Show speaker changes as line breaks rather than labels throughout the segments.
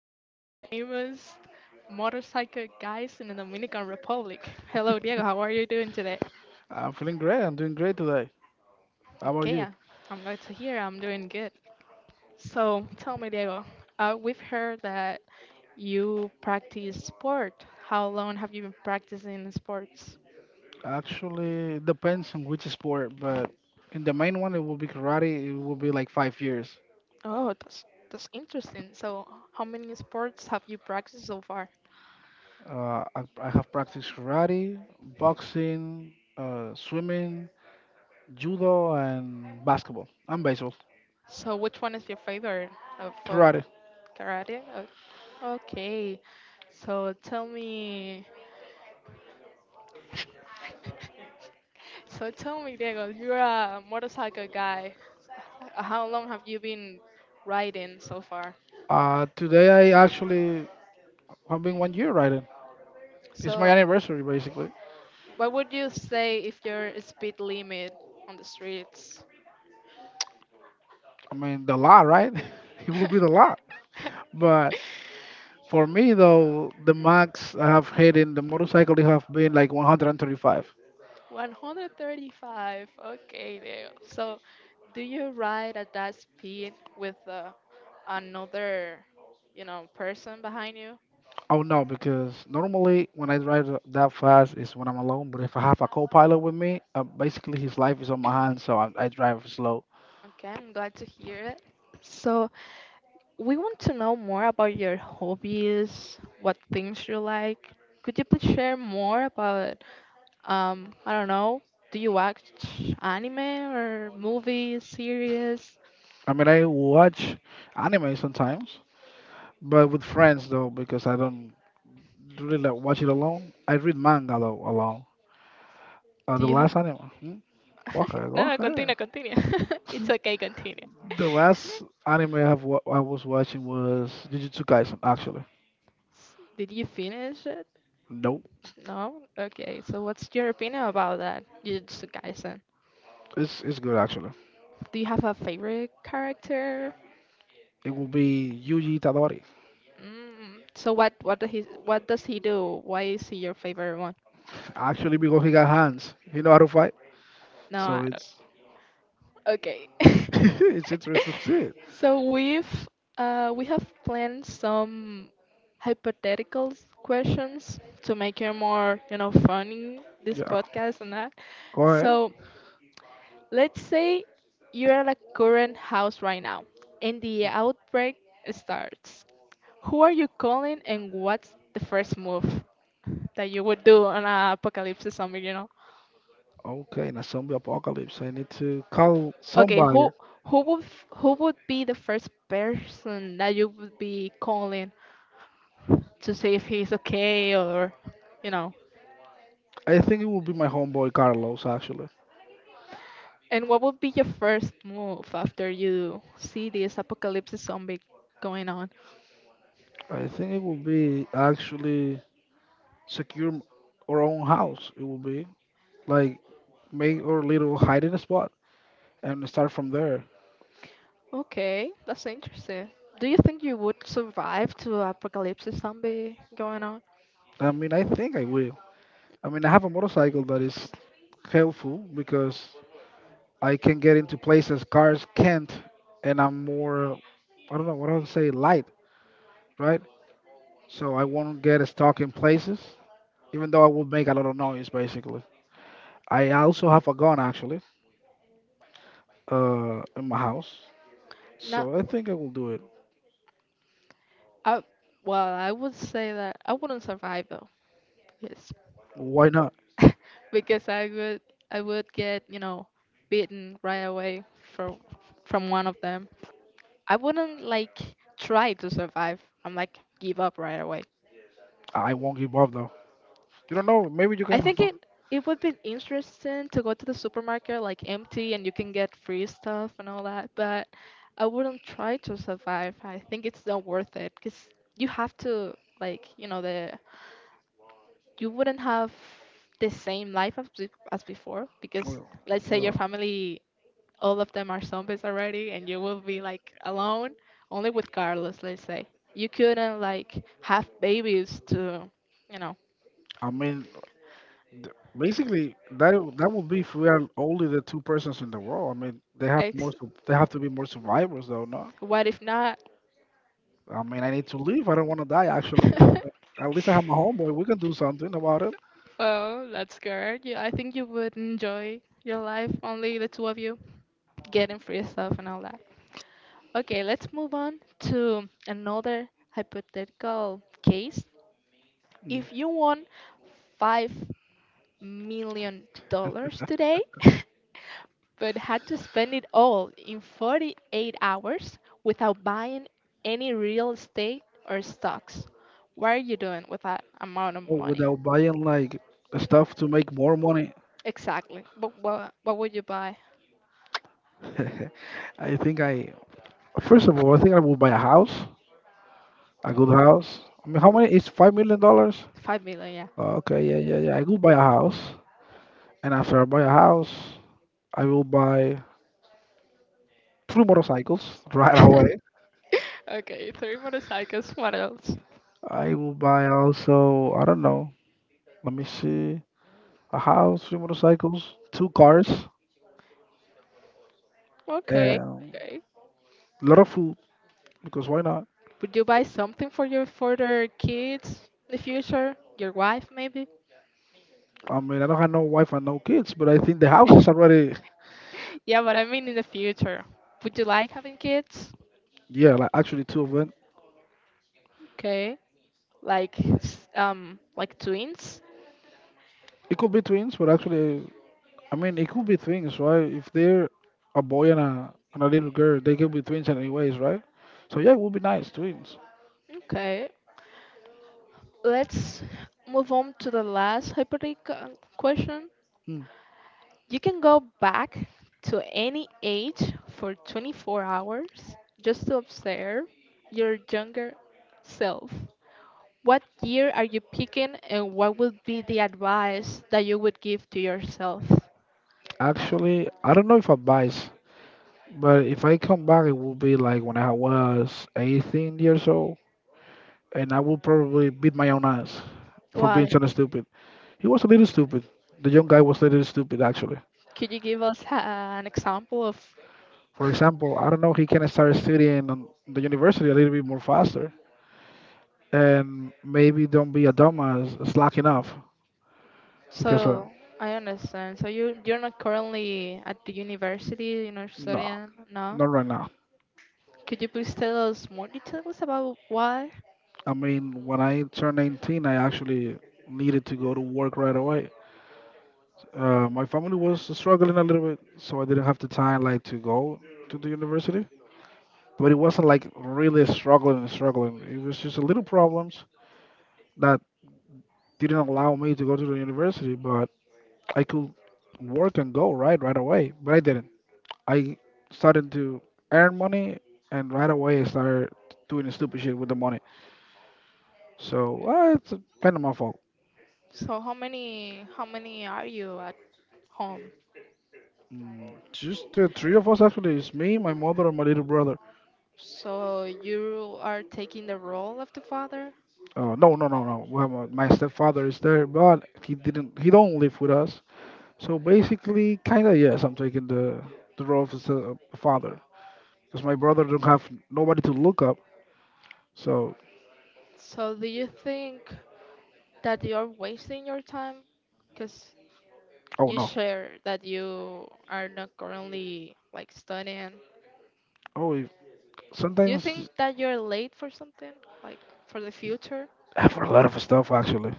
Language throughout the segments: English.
one of the famous motorcycle guys in the Dominican Republic. Hello, Diego. How are you doing today?
I'm feeling great. I'm doing great today. How about
Okay,
you?
I'm glad to hear. I'm doing good. So tell me, Diego, we've heard that you practice sport. How long have you been practicing sports?
Actually, it depends on which sport, but in the main one, it will be karate. It will be like 5 years.
Oh, that's interesting. So, how many sports have you practiced so far?
I have practiced karate, boxing, swimming, judo, and basketball and baseball.
So, which one is your favorite of all
Karate.
the karate? Okay. So, tell me. So, tell me, Diego, you're a motorcycle guy. How long have you been riding so far?
Today, I actually have been one year riding. It's my
So,
anniversary, basically.
what would you say if your speed limit on the streets?
I mean, the law, right? It will be the law. But for me, though, the max I have hit in the motorcycle it have been like 135.
135. Okay, there. So, do you ride at that speed with another, you know, person behind you?
Oh no, because normally when I drive that fast is when I'm alone. But if I have a co-pilot with me, basically his life is on my hands, so I drive slow.
Okay, I'm glad to hear it. So, we want to know more about your hobbies, what things you like. Could you please share more about, I don't know, do you watch anime or movies, series?
I mean, I watch anime sometimes, but with friends though, because I don't really like watch it alone. I read manga though alone. Uh,
Do
the
you have.
last anime. Hmm? Go ahead,
No,
go
no,
ahead.
continue, continue. It's okay, continue.
The last anime I was watching was Jujutsu Kaisen, actually.
Did you finish it?
Nope.
No? Okay, so what's your opinion about that, Jujutsu Kaisen?
It's good, actually.
Do you have a favorite character?
It will be Yuji Itadori,
Mm, so what does he do? Why is he your favorite one?
actually, because he got hands. He know how to fight,
No,
so
I don't.
it's
Okay.
it's interesting to see it.
So we have planned some hypothetical questions to make it more, you know, funny this
Yeah,
podcast and that.
go ahead.
So let's say you're at a current house right now and the outbreak starts. Who are you calling and what's the first move that you would do on an apocalypse zombie, you know?
Okay, in a zombie apocalypse, I need to call
Okay,
somebody.
who who would be the first person that you would be calling to see if he's okay or you know?
I think it will be my homeboy Carlos, actually.
And what would be your first move after you see this apocalypse zombie going on?
I think it will be, actually, secure our own house. It will be like make our little hiding spot and start from there.
Okay, that's interesting. Do you think you would survive to apocalypse zombie going on?
I mean, I think I will. I mean, I have a motorcycle that is helpful because I can get into places cars can't, and I'm more, I don't know what I'll say, light, right? So I won't get stuck in places, even though I will make a lot of noise, basically. I also have a gun, actually, in my house,
No,
so I think I will do it.
I, well, I would say that I wouldn't survive though, because
Why not?
because I would get you know beaten right away from from one of them. I wouldn't like try to survive. I'm like give up right away.
I won't give up, though. You don't know, maybe you
I
can.
think it would be interesting to go to the supermarket like empty and you can get free stuff and all that, but I wouldn't try to survive. I think it's not worth it because you have to like you know the you wouldn't have the same life as as before because
Well,
let's say your
uh,
family all of them are zombies already and you will be like alone only with Carlos. Let's say you couldn't like have babies to you know
I mean, basically, that would be if we are only the two persons in the world. I mean, they have more,
ex.
they have to be more survivors, though, no?
What if not?
I mean, I need to live. I don't want to die, actually. At least I have my homeboy. We can do something about it.
Well, that's good. Yeah, I think you would enjoy your life, only the two of you, getting free stuff and all that. Okay, let's move on to another hypothetical case.
Mm.
If you won $5 million today, but had to spend it all in 48 hours without buying any real estate or stocks, what are you doing with that amount of
Oh,
money?
without buying like stuff to make more money.
Exactly. But what would you buy?
I think I, First of all, I think I will buy a house, a good house. I mean, how many? It's $5 million.
5 million,
Oh, okay, yeah, yeah, yeah. I will buy a house, and after I buy a house, I will buy three motorcycles right
yeah.
away.
Okay, three motorcycles. What else?
I will buy also, I don't know. Let me see, a house, three motorcycles, two cars.
Okay, okay.
A lot of food, because why not?
Would you buy something for your for their kids in the future? Your wife, maybe?
I mean, I don't have no wife and no kids, but I think the house is already.
Yeah, but I mean in the future. Would you like having kids?
Yeah, like actually two of them.
Okay, like like twins?
It could be twins, but actually, I mean, it could be twins, right? If they're a boy and a little girl, they could be twins anyways, right? So yeah, it would be nice, twins.
Okay, let's move on to the last hypothetical question.
Mm.
You can go back to any age for 24 hours just to observe your younger self. What year are you picking and what would be the advice that you would give to yourself?
Actually, I don't know if I advice, but if I come back, it will be like when I was 18 years old, and I will probably beat my own ass for being
Why?
so stupid. He was a little stupid. The young guy was a little stupid, actually.
Could you give us an example of
For example, I don't know, he can start studying on the university a little bit more faster and maybe don't be a dumbass slacking off because,
so I understand. So you're not currently at the university, you're not
no,
studying now.
not right now.
Could you please tell us more details about why?
I mean, when I turned 19, I actually needed to go to work right away. My family was struggling a little bit, so I didn't have the time like to go to the university. But it wasn't like really struggling and struggling. It was just a little problems that didn't allow me to go to the university, but I could work and go right away, but I didn't. I started to earn money, and right away I started doing stupid shit with the money. So, it's kind of my fault.
So how many are you at home?
Just the three of us, actually. It's me, my mother, and my little brother.
So you are taking the role of the father.
No, no, no, no. Well, my stepfather is there, but he didn't. He don't live with us. So basically, kind of yes, I'm taking the role of a father because my brother don't have nobody to look up. So,
So do you think that you are wasting your time? Because
oh
you
no.
share that you are not currently like studying.
Oh,
Do you
sometimes.
think that you're late for something like for the future?
Ah, for a lot of stuff, actually.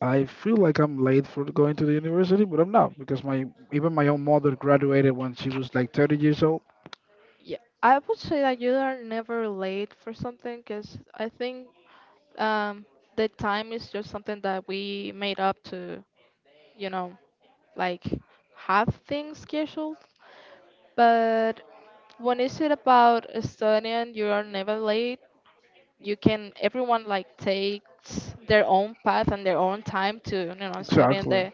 I feel like I'm late for going to the university, but I'm not because my even my own mother graduated when she was like 30 years old.
Yeah, I would say that you are never late for something because I think um, the time is just something that we made up to, you know. Like have things scheduled, but when is it about studying, you are never late. You can everyone like takes their own path and their own time to you know studying
Exactly.
the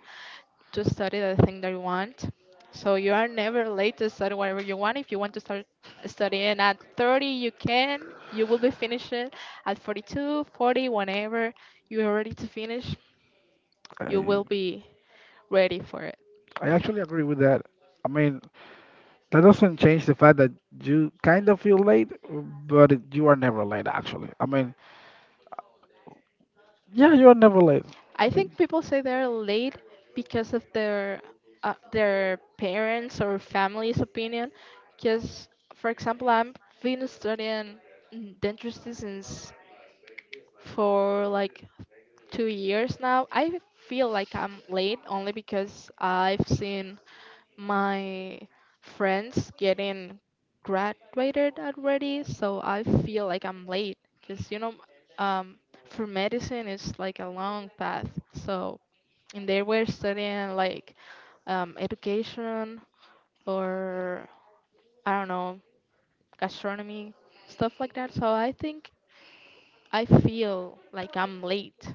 to study the thing that you want. So you are never late to study whatever you want. If you want to start studying at 30, you can. You will be finishing at 42, 40, whenever you are ready to finish, you
I
will be ready for it.
I actually agree with that. I mean, that doesn't change the fact that you kind of feel late, but you are never late, actually. I mean, yeah, you are never late.
I
I
think people say they're late because of their parents or family's opinion. Because, for example, I've been studying dentistry since for like 2 years now. I feel like I'm late only because I've seen my friends getting graduated already, so I feel like I'm late. Because you know, um, for medicine, it's like a long path, so and they were studying like education or I don't know gastronomy stuff like that. So I think I feel like I'm late.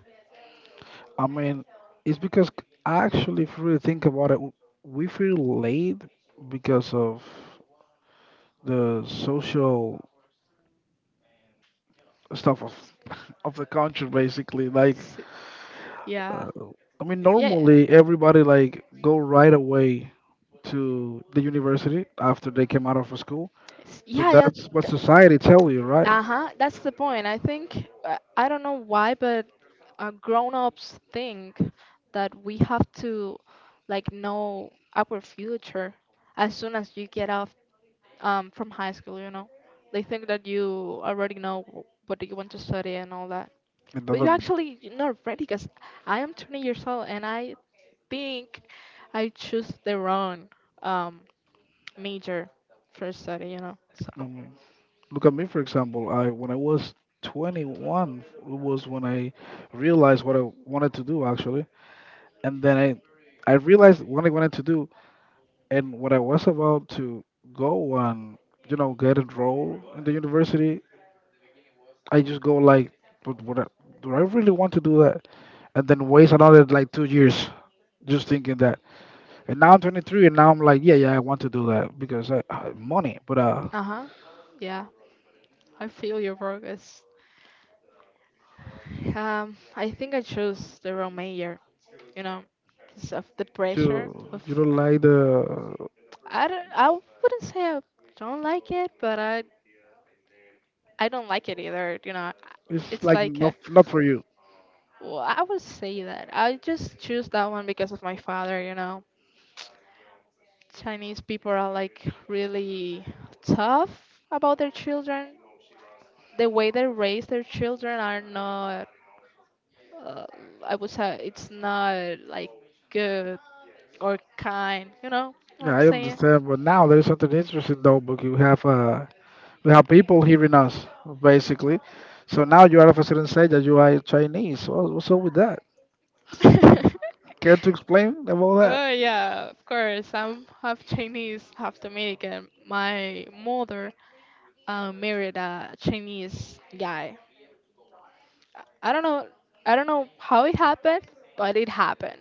I mean, it's because actually, if you really think about it, we feel late because of. The social stuff of of the country, basically, like,
S- yeah,
uh, I mean,
yeah,
normally everybody like go right away to the university after they came out of school, so
yeah, yeah.
that's what society tell you, right?
Uh huh. That's the point. I think I don't know why, but grown-ups think that we have to like know our future as soon as you get out from high school, you know. They think that you already know what do you want to study and all that.
It
But
doesn't.
you're not ready because I am 20 years old and I think I choose the wrong um, major for study, you know. So,
I mean, look at me, for example. I When I was 21 was when I realized what I wanted to do, actually, and then I realized what I wanted to do. And when I was about to go and, you know, get enrolled in the university, I just go like, but what? Do I really want to do that? And then waste another like 2 years just thinking that. And now I'm 23, and now I'm like, yeah, yeah, I want to do that because I money, but
uh-huh. Yeah, I feel your progress. I think I chose the wrong major, you know, because of the
to
pressure of
you don't like the,
I don't I wouldn't say I don't like it, but I don't like it either. You know,
it's
it's
like
like
not for you.
well, I would say that I just choose that one because of my father. You know, Chinese people are like really tough about their children. The way they raise their children are not. Uh, I would say it's not like good or kind. You know what
Yeah,
I'm
I
saying?
understand. But now there's something interesting, though, because you have we have people hearing us, basically. So now you are of a certain stage that you are Chinese. Well, what's up with that? Care to explain about that?
Oh yeah, of course. I'm half Chinese, half Dominican. My mother married a Chinese guy. I don't know. I don't know how it happened, but it happened.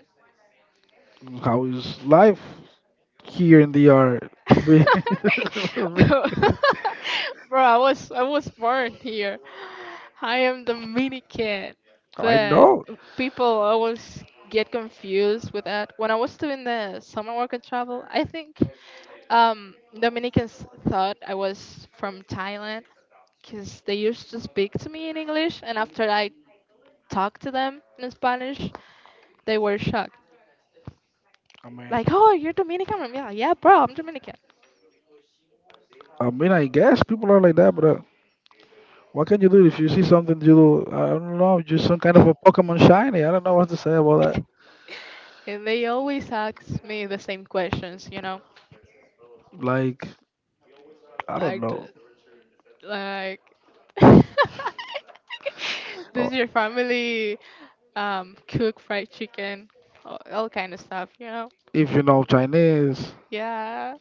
How is life here in the art?
Bro, I was born here. I am Dominican,
I
but
know.
people always get confused with that. When I was doing the summer work and travel, I think Dominicans thought I was from Thailand because they used to speak to me in English, and after I talked to them in Spanish, they were shocked.
I mean,
Like, oh, you're Dominican? I'm like, yeah, bro, I'm Dominican.
I mean, I guess people are like that, but what can you do if you see something you do? I don't know, just some kind of a Pokemon shiny. I don't know what to say about that.
And they always ask me the same questions, you know?
Like, I don't
Like,
know.
like, does
Or
your family cook fried chicken? All kind of stuff, you know?
if you know Chinese,
Yeah.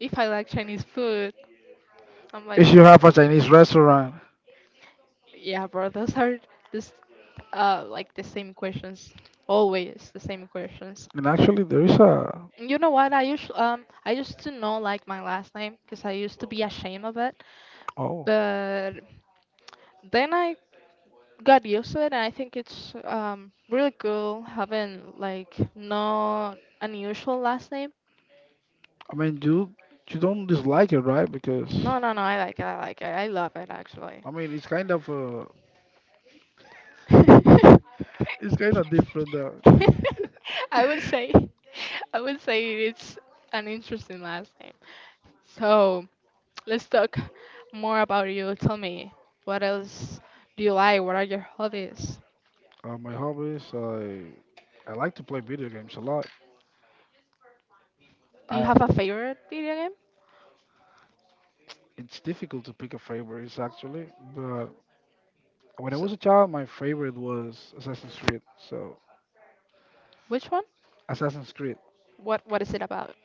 If I like Chinese food, I'm like,
if you have a Chinese restaurant,
yeah, bro, those are this, like the same questions. Always the same questions.
and actually there is a.
You know what? I used to know like my last name because I used to be ashamed of it,
Oh,
but then I got used to it, and I think it's really cool having like no unusual last name.
I mean, you don't dislike it, right? Because
No, no, no. I like it. I like it. I love it actually.
I mean, it's kind of uh, it's kind of different. Uh,
I would say, I would say it's an interesting last name. So let's talk more about you. Tell me, what else do you like? What are your hobbies?
uh, my hobbies, I like to play video games a lot.
Do you have
Um,
a favorite video game?
it's difficult to pick a favorite, actually, but when I
So,
was a child, my favorite was Assassin's Creed. So,
which one?
Assassin's Creed.
What is it about?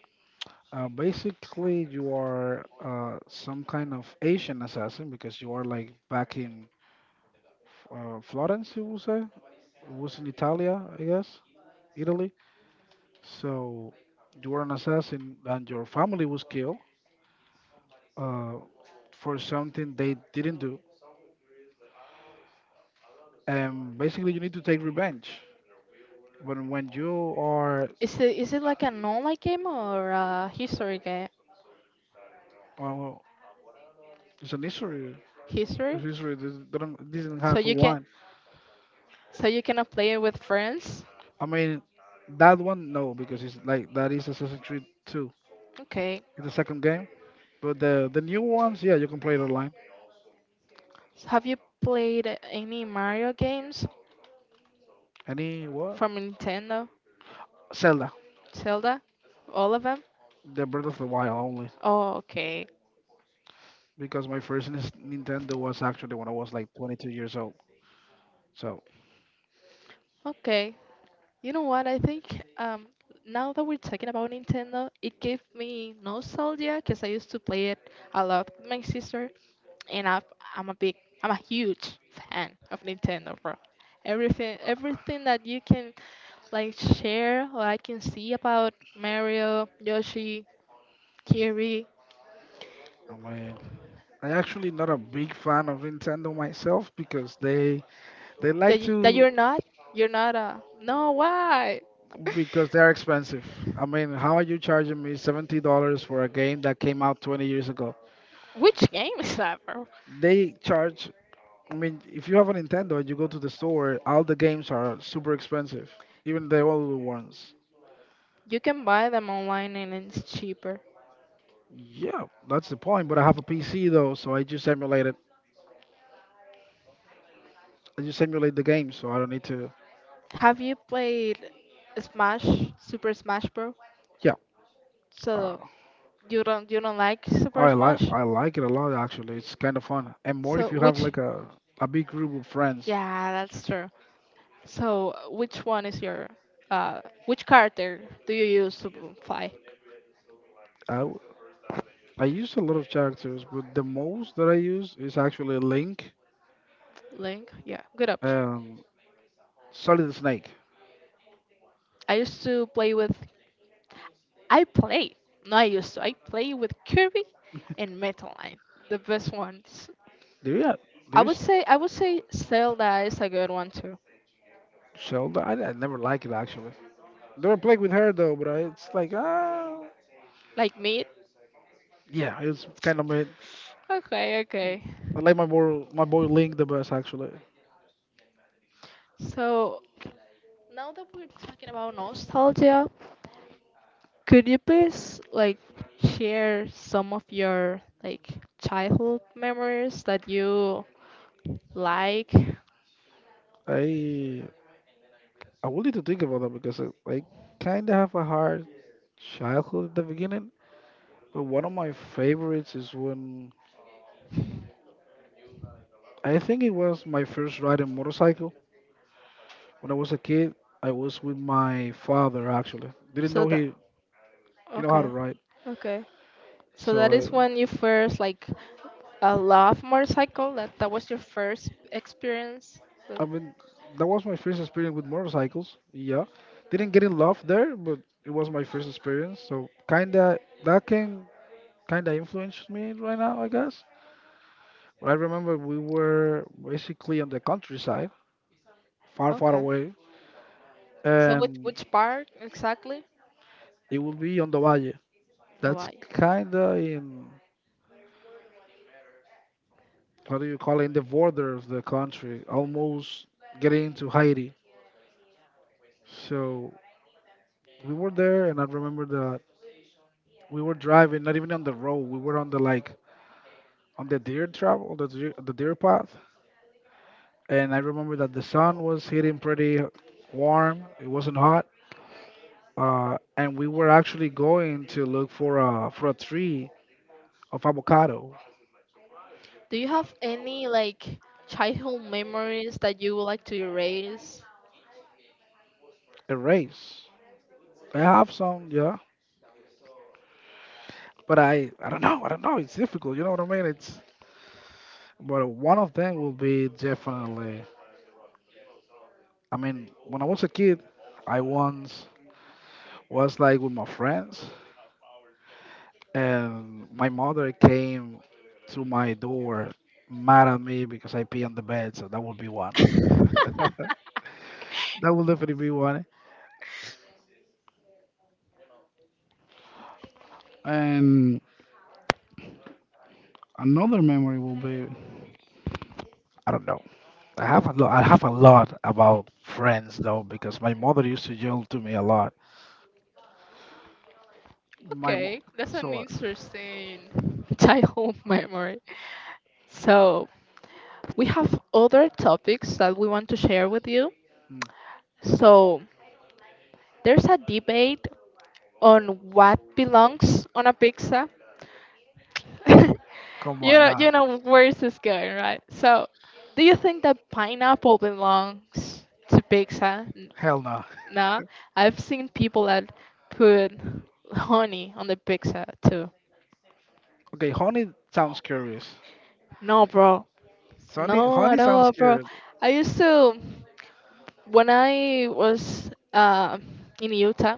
Basically, you are, some kind of Asian assassin because you are like back in, Florence, you will say. It was in Italia, I guess. Italy. So you were an assassin and your family was killed, uh, for something they didn't do. And basically, you need to take revenge. When when you are,
Is it like an online game or a history game?
uh, it's an history. It's
History?
history that doesn't
So
have a
you can
one.
so you cannot play it with friends?
I mean, that one no because it's like that is Assassin's Creed 2.
Okay.
It's the second game, but the new ones, yeah, you can play it online.
So have you played any Mario games
Any what?
from Nintendo?
Zelda,
Zelda? All of them?
the Breath of the Wild only
Oh, okay.
because my first Nintendo was actually when I was like 22 years old. So
Okay. You know what? I think now that we're talking about Nintendo, it gave me nostalgia because I used to play it a lot with my sister, and I'm a big, I'm a huge fan of Nintendo, bro. Everything, everything that you can like share or I can see about Mario, Yoshi, Kirby,
I mean, I actually not a big fan of Nintendo myself because they like
that
to.
you're not a no. Why?
Because they're expensive. I mean, how are you charging me $70 for a game that came out 20 years ago?
Which game is that, bro?
They charge. I mean, if you have a Nintendo and you go to the store, all the games are super expensive, even the older ones.
You can buy them online and it's cheaper.
Yeah, that's the point. But I have a PC though, so I just emulate it. I just emulate the game, so I don't need to.
Have you played Smash, Super Smash Bros?
Yeah.
So
uh,
you don't like Super
I like
Smash?
I like it a lot, actually. It's kind of fun, and more if
So
you have
which
like a big group of friends.
yeah, that's true. So which one is your uh which character do you use to fly?
I w- I use a lot of characters, but the most that I use is actually Link
Link? Yeah, good option.
and Solid Snake.
I used to play with I play. No, I used to. I play with Kirby and Metal Line, the best ones.
There Yeah, there is
I would say Zelda is a good one too.
Zelda. I never like it, actually. Never played with her, though, but it's like, ah.
Like me?
Yeah, it's kind of made.
Okay, okay.
I like my boy Link the best, actually.
So, now that we're talking about nostalgia, could you please, like, share some of your, like, childhood memories that you like?
I I will need to think about that because I kind of have a hard childhood at the beginning. But one of my favorites is when I think it was my first ride on motorcycle. When I was a kid, I was with my father, actually. Didn't
So
know
that
he know how to
Okay,
ride.
okay. So that is
So
when you first, like, love motorcycle. That was your first experience with-
I, I mean that was my first experience with motorcycles. Yeah. Didn't get in love there, but it was my first experience. So kinda that can kinda influence me right now, I guess. But I remember we were basically on the countryside, far
okay.
away,
So which
and
part exactly?
it would be on the valle.
No,
That's
I.
kind of in, what do you call it, in the border of the country, almost getting into Haiti. So we were there, and I remember that we were driving, not even on the road, we were on the like, on the deer travel, on the deer path. And I remember that the sun was hitting pretty warm, it wasn't hot. And we were actually going to look for a tree of avocado,
Do you have any, like, childhood memories that you would like to erase?
a race. I have some, yeah, but I don't know, I don't know, it's difficult, you know what I mean? It's, but one of them will be definitely. I mean, when I was a kid, I once was like with my friends, and my mother came to my door mad at me because I pee on the bed. So that would be one. That will definitely be one. And another memory will be I don't know. I have a lot. I have a lot about friends though because my mother used to yell to me a lot. My mo-
Okay, that's an
so
interesting childhood memory. So, we have other topics that we want to share with you.
mm,
So, there's a debate on what belongs on a pizza.
come
you
on,
know,
nah,
you know where is this going, right? So, do you think that pineapple belongs to pizza?
hell no.
No. I've seen people that put honey on the pizza too.
Okay, honey sounds curious.
No, bro.
Sonny,
No,
honey
at
sounds
all, bro.
good.
I used to, when I was in Utah,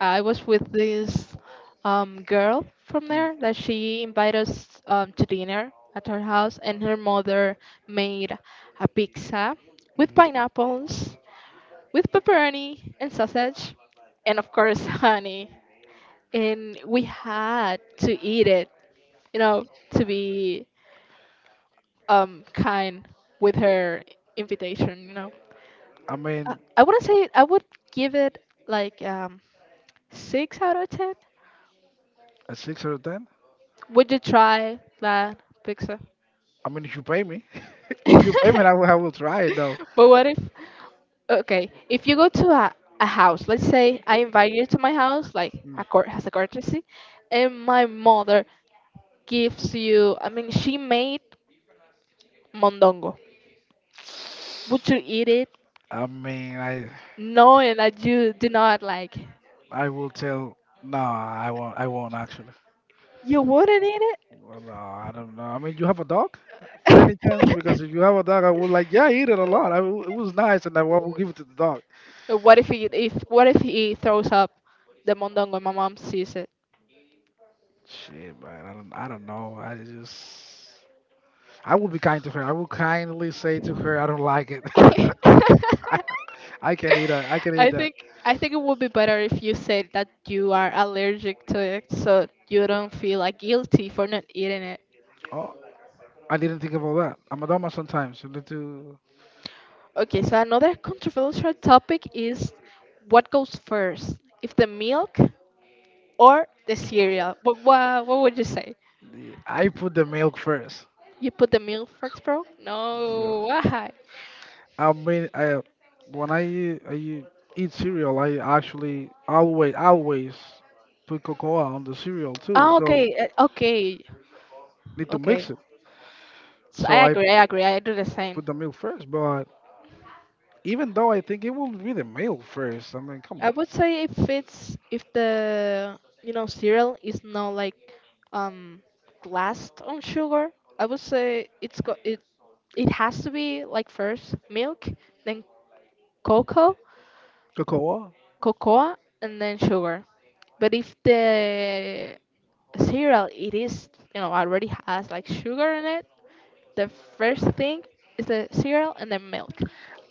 I was with this girl from
Mm,
there that she invited us to dinner at her house, and her mother made a pizza with
mhm.
pineapples, with pepperoni and sausage, and, of course, honey. And we had to eat it, you know, to be kind with her invitation.
I mean,
I wouldn't say I would give it like six out of ten.
a six out of ten.
Would you try that pizza?
I mean, if you pay me, if you pay me, I will try it though.
But what if? Okay, if you go to a house, let's say I invite you to my house, like
Mm.
a court has a courtesy, and my mother gives you. I mean, she made mondongo. Would you eat it,
I mean, I,
knowing that you do not like?
I will tell. No, I won't. I won't actually.
You wouldn't eat
Well, no, I don't know. I mean, you have a dog, for any chance? Because
it.
if you have a dog, I would like, yeah, I eat it a lot. I will, it was nice, and I will give it to the dog.
But what if he throws up the mondongo and my mom sees it?
Shit, man. I don't. I don't know. I just. I will be kind to her. I will kindly say to her, I don't like it. I, I can eat. A, I can eat
I
that.
think I think it would be better if you said that you are allergic to it, so you don't feel, like, guilty for not eating it.
Oh, I didn't think about that. I'm a dumbass sometimes. I need to.
Okay, so another controversial topic is what goes first, if the milk or the cereal. What would you say?
I put the milk first.
You put the milk first, bro?
Yeah.
No, why?
I mean, I when I eat cereal, I actually always put cocoa on the cereal too.
Ah,
So
okay, okay,
need to mix
okay.
it.
So
So I
I agree, I do the
put
same.
the milk first. But even though I think it will be the milk first. I mean, come
I
on,
would say if the, cereal is not like um glassed on sugar, I would say it's go it it has to be like first milk, then cocoa,
cocoa.
cocoa, and then sugar. But if the cereal it is, you know, already has, like, sugar in it, the first thing is the cereal and then milk.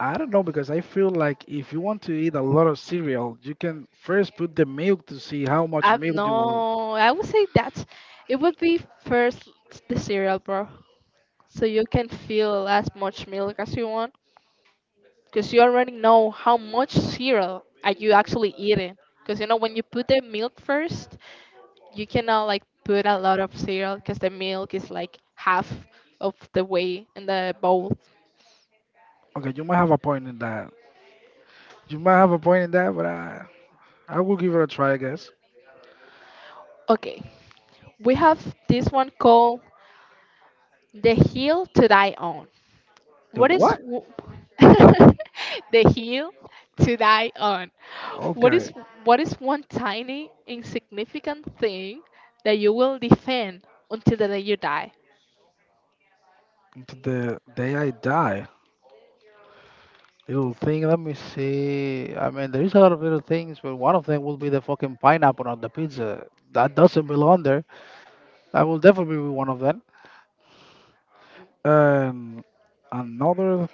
I don't know because I feel like if you want to eat a lot of cereal, you can first put the milk to see how much milk you will.
No, I would say that it would be first the cereal, bro. So you can fill as much milk as you want, because you already know how much cereal are you actually eating. Because you know when you put the milk first, you cannot, like, put a lot of cereal because the milk is, like, half of the way in the bowl.
Okay, you might have a point in that. You might have a point in that, but I will give it a try, I guess.
Okay, we have this one called "The Hill to Die On."
The
What is
what?
w- the hill to die on? What is
Okay.
what is one tiny insignificant thing that you will defend until the day you die?
Until the day I die. Little thing, let me see. I mean, there is a lot of little things, but one of them will be the fucking pineapple on the pizza. That doesn't belong there. That will definitely be one of them. And another,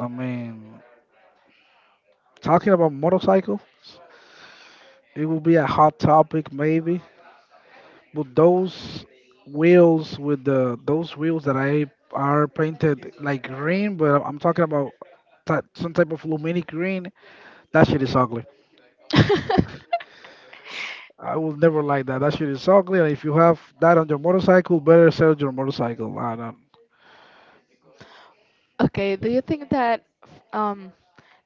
I mean, talking about motorcycles, it will be a hot topic maybe. Well, those wheels with the those wheels that I are painted like green, but I'm talking about some type of luminic green. That shit is ugly. I will never like that. That shit is ugly. And if you have that on your motorcycle, better sell your motorcycle. I don't.
Okay, do you think that um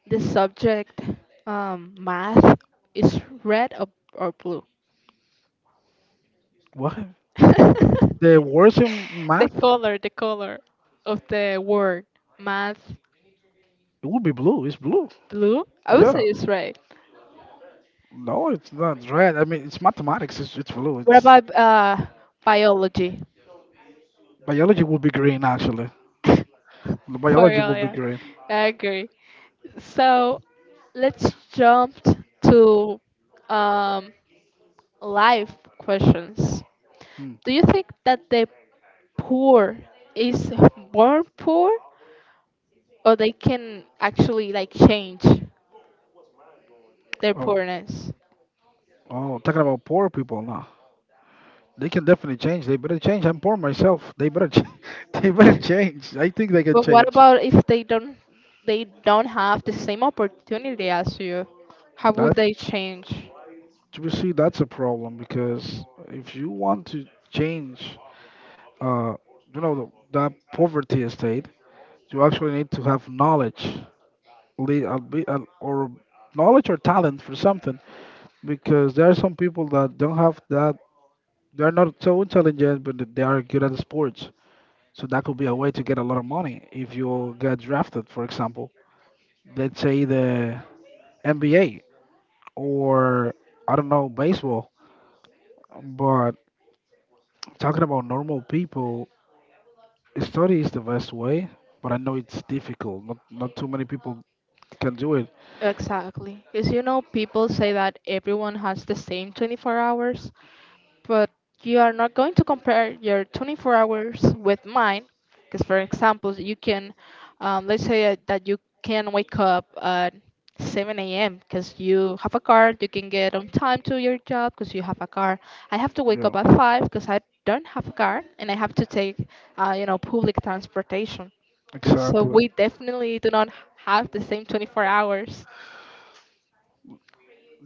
the subject math is red, or blue?
What?
the
The worst in math? It
the color of the word math?
would be blue. It's blue.
Blue. I would say
Yeah.
it's red.
No, it's not red. I mean, it's mathematics. It's blue.
What
It's
about biology?
biology would be green actually.
For
Biology
real,
would be
yeah.
green.
I agree. So let's jump to, um, life questions.
Hmm.
Do you think that the poor is born poor, or they can actually, like, change their
Oh,
poorness?
oh, talking about poor people nah. They can definitely change. They better change. I'm poor myself. They better they better change. I think they can
But what
change.
about if they don't have the same opportunity as you? How would
That
they change?
you see, that's a problem because if you want to change, uh, you know, that poverty state, you actually need to have knowledge, or knowledge or talent for something. Because there are some people that don't have that. They're not so intelligent, but they are good at sports. So that could be a way to get a lot of money if you get drafted, for example. Let's say the NBA or I don't know baseball. But talking about normal people, study is the best way. But I know it's difficult. Not too many people can do it.
Exactly. Because you know people say that everyone has the same 24 hours, but you are not going to compare your 24 hours with mine, because, for example, you can, let's say, that you can wake up at 7 a.m. because you have a car, you can get on time to your job because you have a car. I have to wake
Yeah,
up at 5 because I don't have a car and I have to take, you know, public transportation, so
exactly.
we definitely do not have the same 24 hours.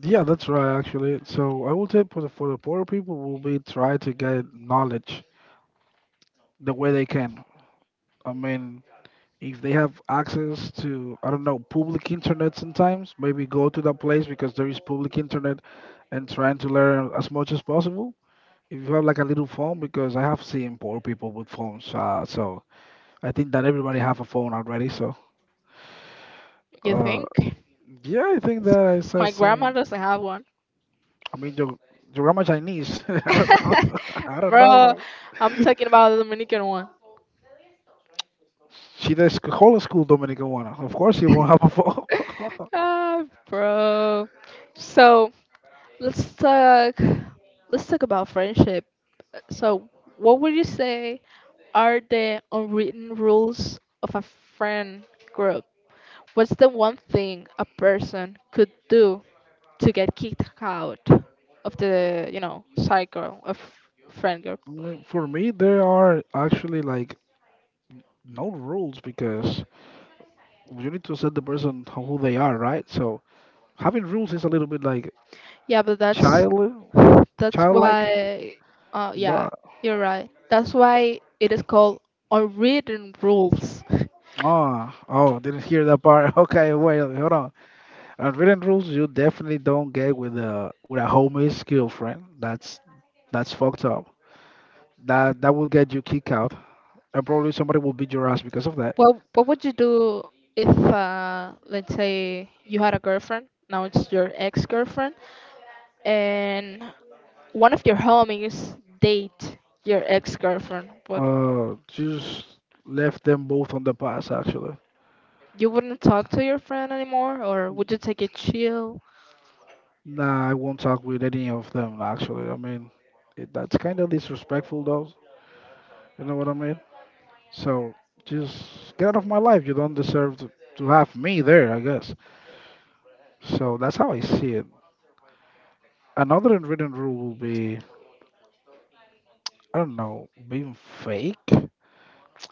Yeah, that's right. Actually, so I will say for the poor people will be try to get knowledge the way they can. I mean, if they have access to I don't know public internet sometimes, maybe go to that place because there is public internet and trying to learn as much as possible. If you have like a little phone, because I have seen poor people with phones, so I think that everybody have a phone already. So
You
uh,
think
yeah, I think that I said,
my grandma
seen-
doesn't have...
I mean, your grandma Chinese. I don't know. I don't
Bro,
know.
I'm talking about the Dominican one.
She the whole school Dominican one. Of course, she won't have a phone.
Ah, bro. So let's talk. Let's talk about friendship. So, what would you say are the unwritten rules of a friend group? What's the one thing a person could do to get kicked out of the, you know, cycle of friend group?
I mean, for me, there are actually like no rules because you need to set the person who they are, right? So having rules is a little bit like
Yeah, but that's
child
that's
childlike,
why, yeah,
but
you're right. That's why it is called unwritten rules.
oh, oh, didn't hear that part. Okay, wait, hold on. Unwritten rules you definitely don't get with a homemade skill, friend. That's fucked up. That will get you kicked out, and probably somebody will beat your ass because of that.
What would you do if, let's say you had a girlfriend, now it's your ex-girlfriend, and one of your homies date your ex-girlfriend, but
Just left them both on the pass. Actually,
you wouldn't talk to your friend anymore, or would you take it chill?
nah, I won't talk with any of them. Actually, I mean, it, that's kind of disrespectful, though. You know what I mean? So just get out of my life. You don't deserve to have me there. I guess. So that's how I see it. Another unwritten rule will be I don't know, being fake.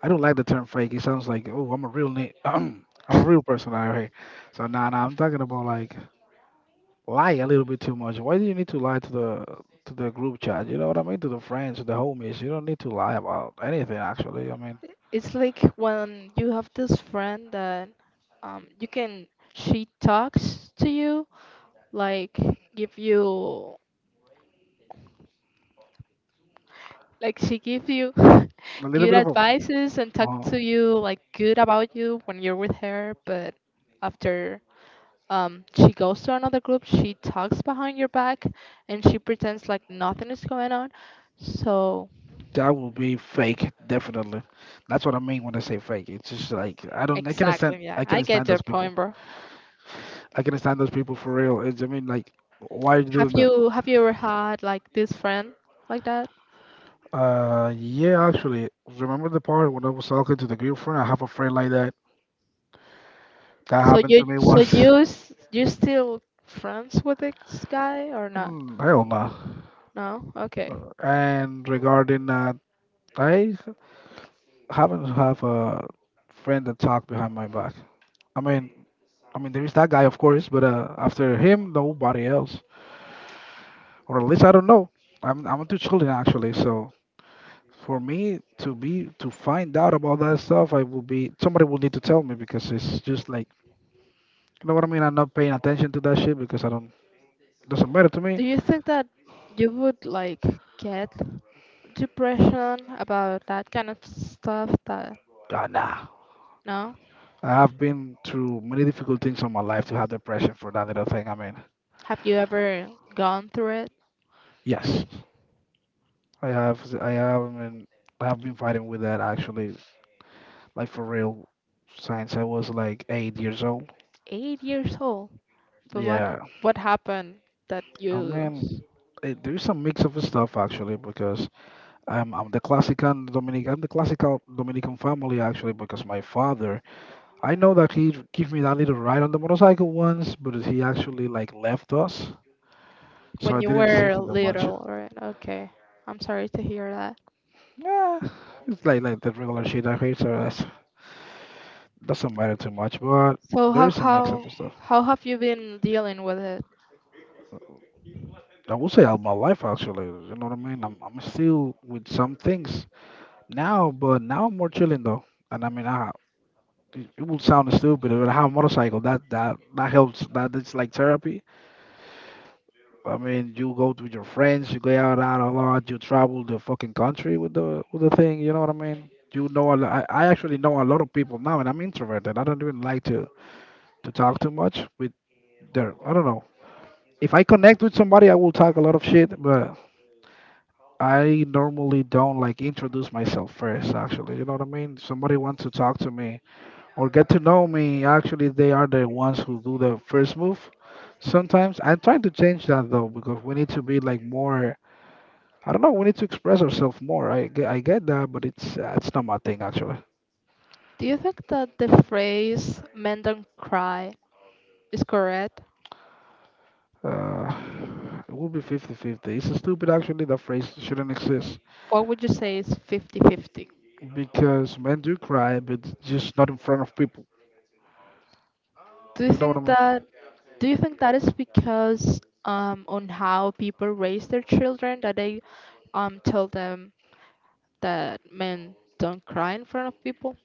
I don't like the term fake. It sounds like oh, I'm a real name. I'm a real person out here. So nah, I'm talking about like lie a little bit too much. Why do you need to lie to the group chat? You know what I mean? To the friends, to the homies. You don't need to lie about anything actually. I mean,
It's like when you have this friend that, um, you can, she talks to you, like give you, like she gives you
a little
good
bit of a
advices and talk
uh,
to you, like, good about you when you're with her, but after, she goes to another group, she talks behind your back, and she pretends like nothing is going on. So
that will be fake, definitely. That's what I mean when I say fake. It's just like I don't, I can't stand,
exactly, yeah,
I
I
can't
get
stand
your
those
point,
people.
bro.
I can stand those people for real. It's, I mean, like, why are you
Have
doing that?
you have you ever had, like, this friend like that?
Yeah, actually, remember the part when I was talking to the girlfriend? I have a friend like that. That
So
happened
you
to me
so
once.
you s- you still friends with this guy or not?
Mm, hell no.
No? Okay.
And regarding that, I haven't have a friend that talk behind my back. I mean, I mean, there is that guy, of course, but after him, nobody else, or at least I don't know. I'm into children actually, so for me to be to find out about that stuff, I will be somebody will need to tell me because it's just like you know what I mean. I'm not paying attention to that shit because I don't doesn't matter to
Do
me.
you think that you would, like, get depression about that kind of stuff, that
God, nah.
no?
I have been through many difficult things in my life to have depression for that little thing. I mean,
Have you ever gone through it?
yes, I have. I have. I mean, I have been fighting with that actually, like for real, since I was like 8 years old.
8 years old. But
Yeah,
what happened, that
I
you
mean, it, there's some mix of stuff actually because I'm the classical Dominic. I'm the classical Dominican family actually because my father. I know that he gave me that little ride on the motorcycle once, but he actually like left us, so I
when you
didn't see
were
him that much.
little, right? Okay. I'm sorry to hear that.
Yeah, it's like the regular shit I hate, so that's doesn't matter too much. But
So
there
how
is some mix up
how
and stuff.
how have you been dealing with it?
I would say all my life actually. You know what I mean? I'm still with some things now, but now I'm more chilling though. And I mean, I it, it will sound stupid, but I have a motorcycle. That helps. That it's like therapy. I mean, you go with your friends, you go out a lot, you travel the fucking country with the thing. You know what I mean? You know, I actually know a lot of people now, and I'm introverted. I don't even like to talk too much with their. I don't know. If I connect with somebody, I will talk a lot of shit, but I normally don't like introduce myself first. Actually, you know what I mean? If somebody wants to talk to me or get to know me, actually, they are the ones who do the first move. Sometimes I'm trying to change that though, because we need to be like more, I don't know. We need to express ourselves more. I get that, but it's not my thing actually.
Do you think that the phrase "men don't cry" is correct?
Uh, it will be 50-50. It's stupid actually. That phrase shouldn't exist
What would you say is fifty-fifty?
because men do cry, but just not in front of people.
Do you
You know what I
think
mean?
that do you think that is because, on how people raise their children, that they, tell them that men don't cry in front of people?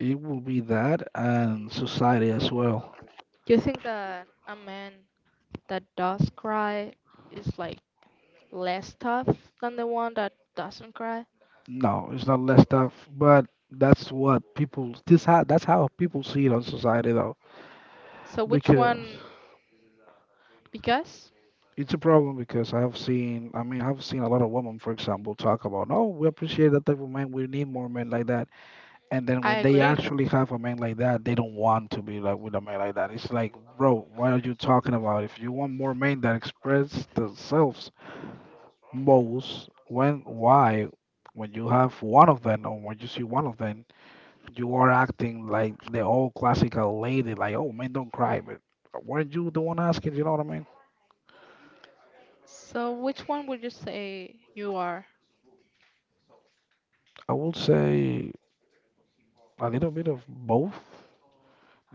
It will be that and society as well.
Do you think that a man that does cry is, like, less tough than the one that doesn't cry?
No, it's not less tough, but that's what people. This how that's how people see it on society though,
So which
because
one? Because
it's a problem because I mean, I've seen a lot of women, for example, talk about, oh, we appreciate that type of man. We need more men like that. And then
I
when they
agree.
actually have a man like that, they don't want to be like with a man like that. It's like, bro, what are you talking about? If you want more men that express themselves most, when, why, when you have one of them or when you see one of them, you are acting like the old classical lady, like, oh, man, don't cry. But weren't you the one asking? You know what I mean?
So, which one would you say you are?
I would say. A little bit of both.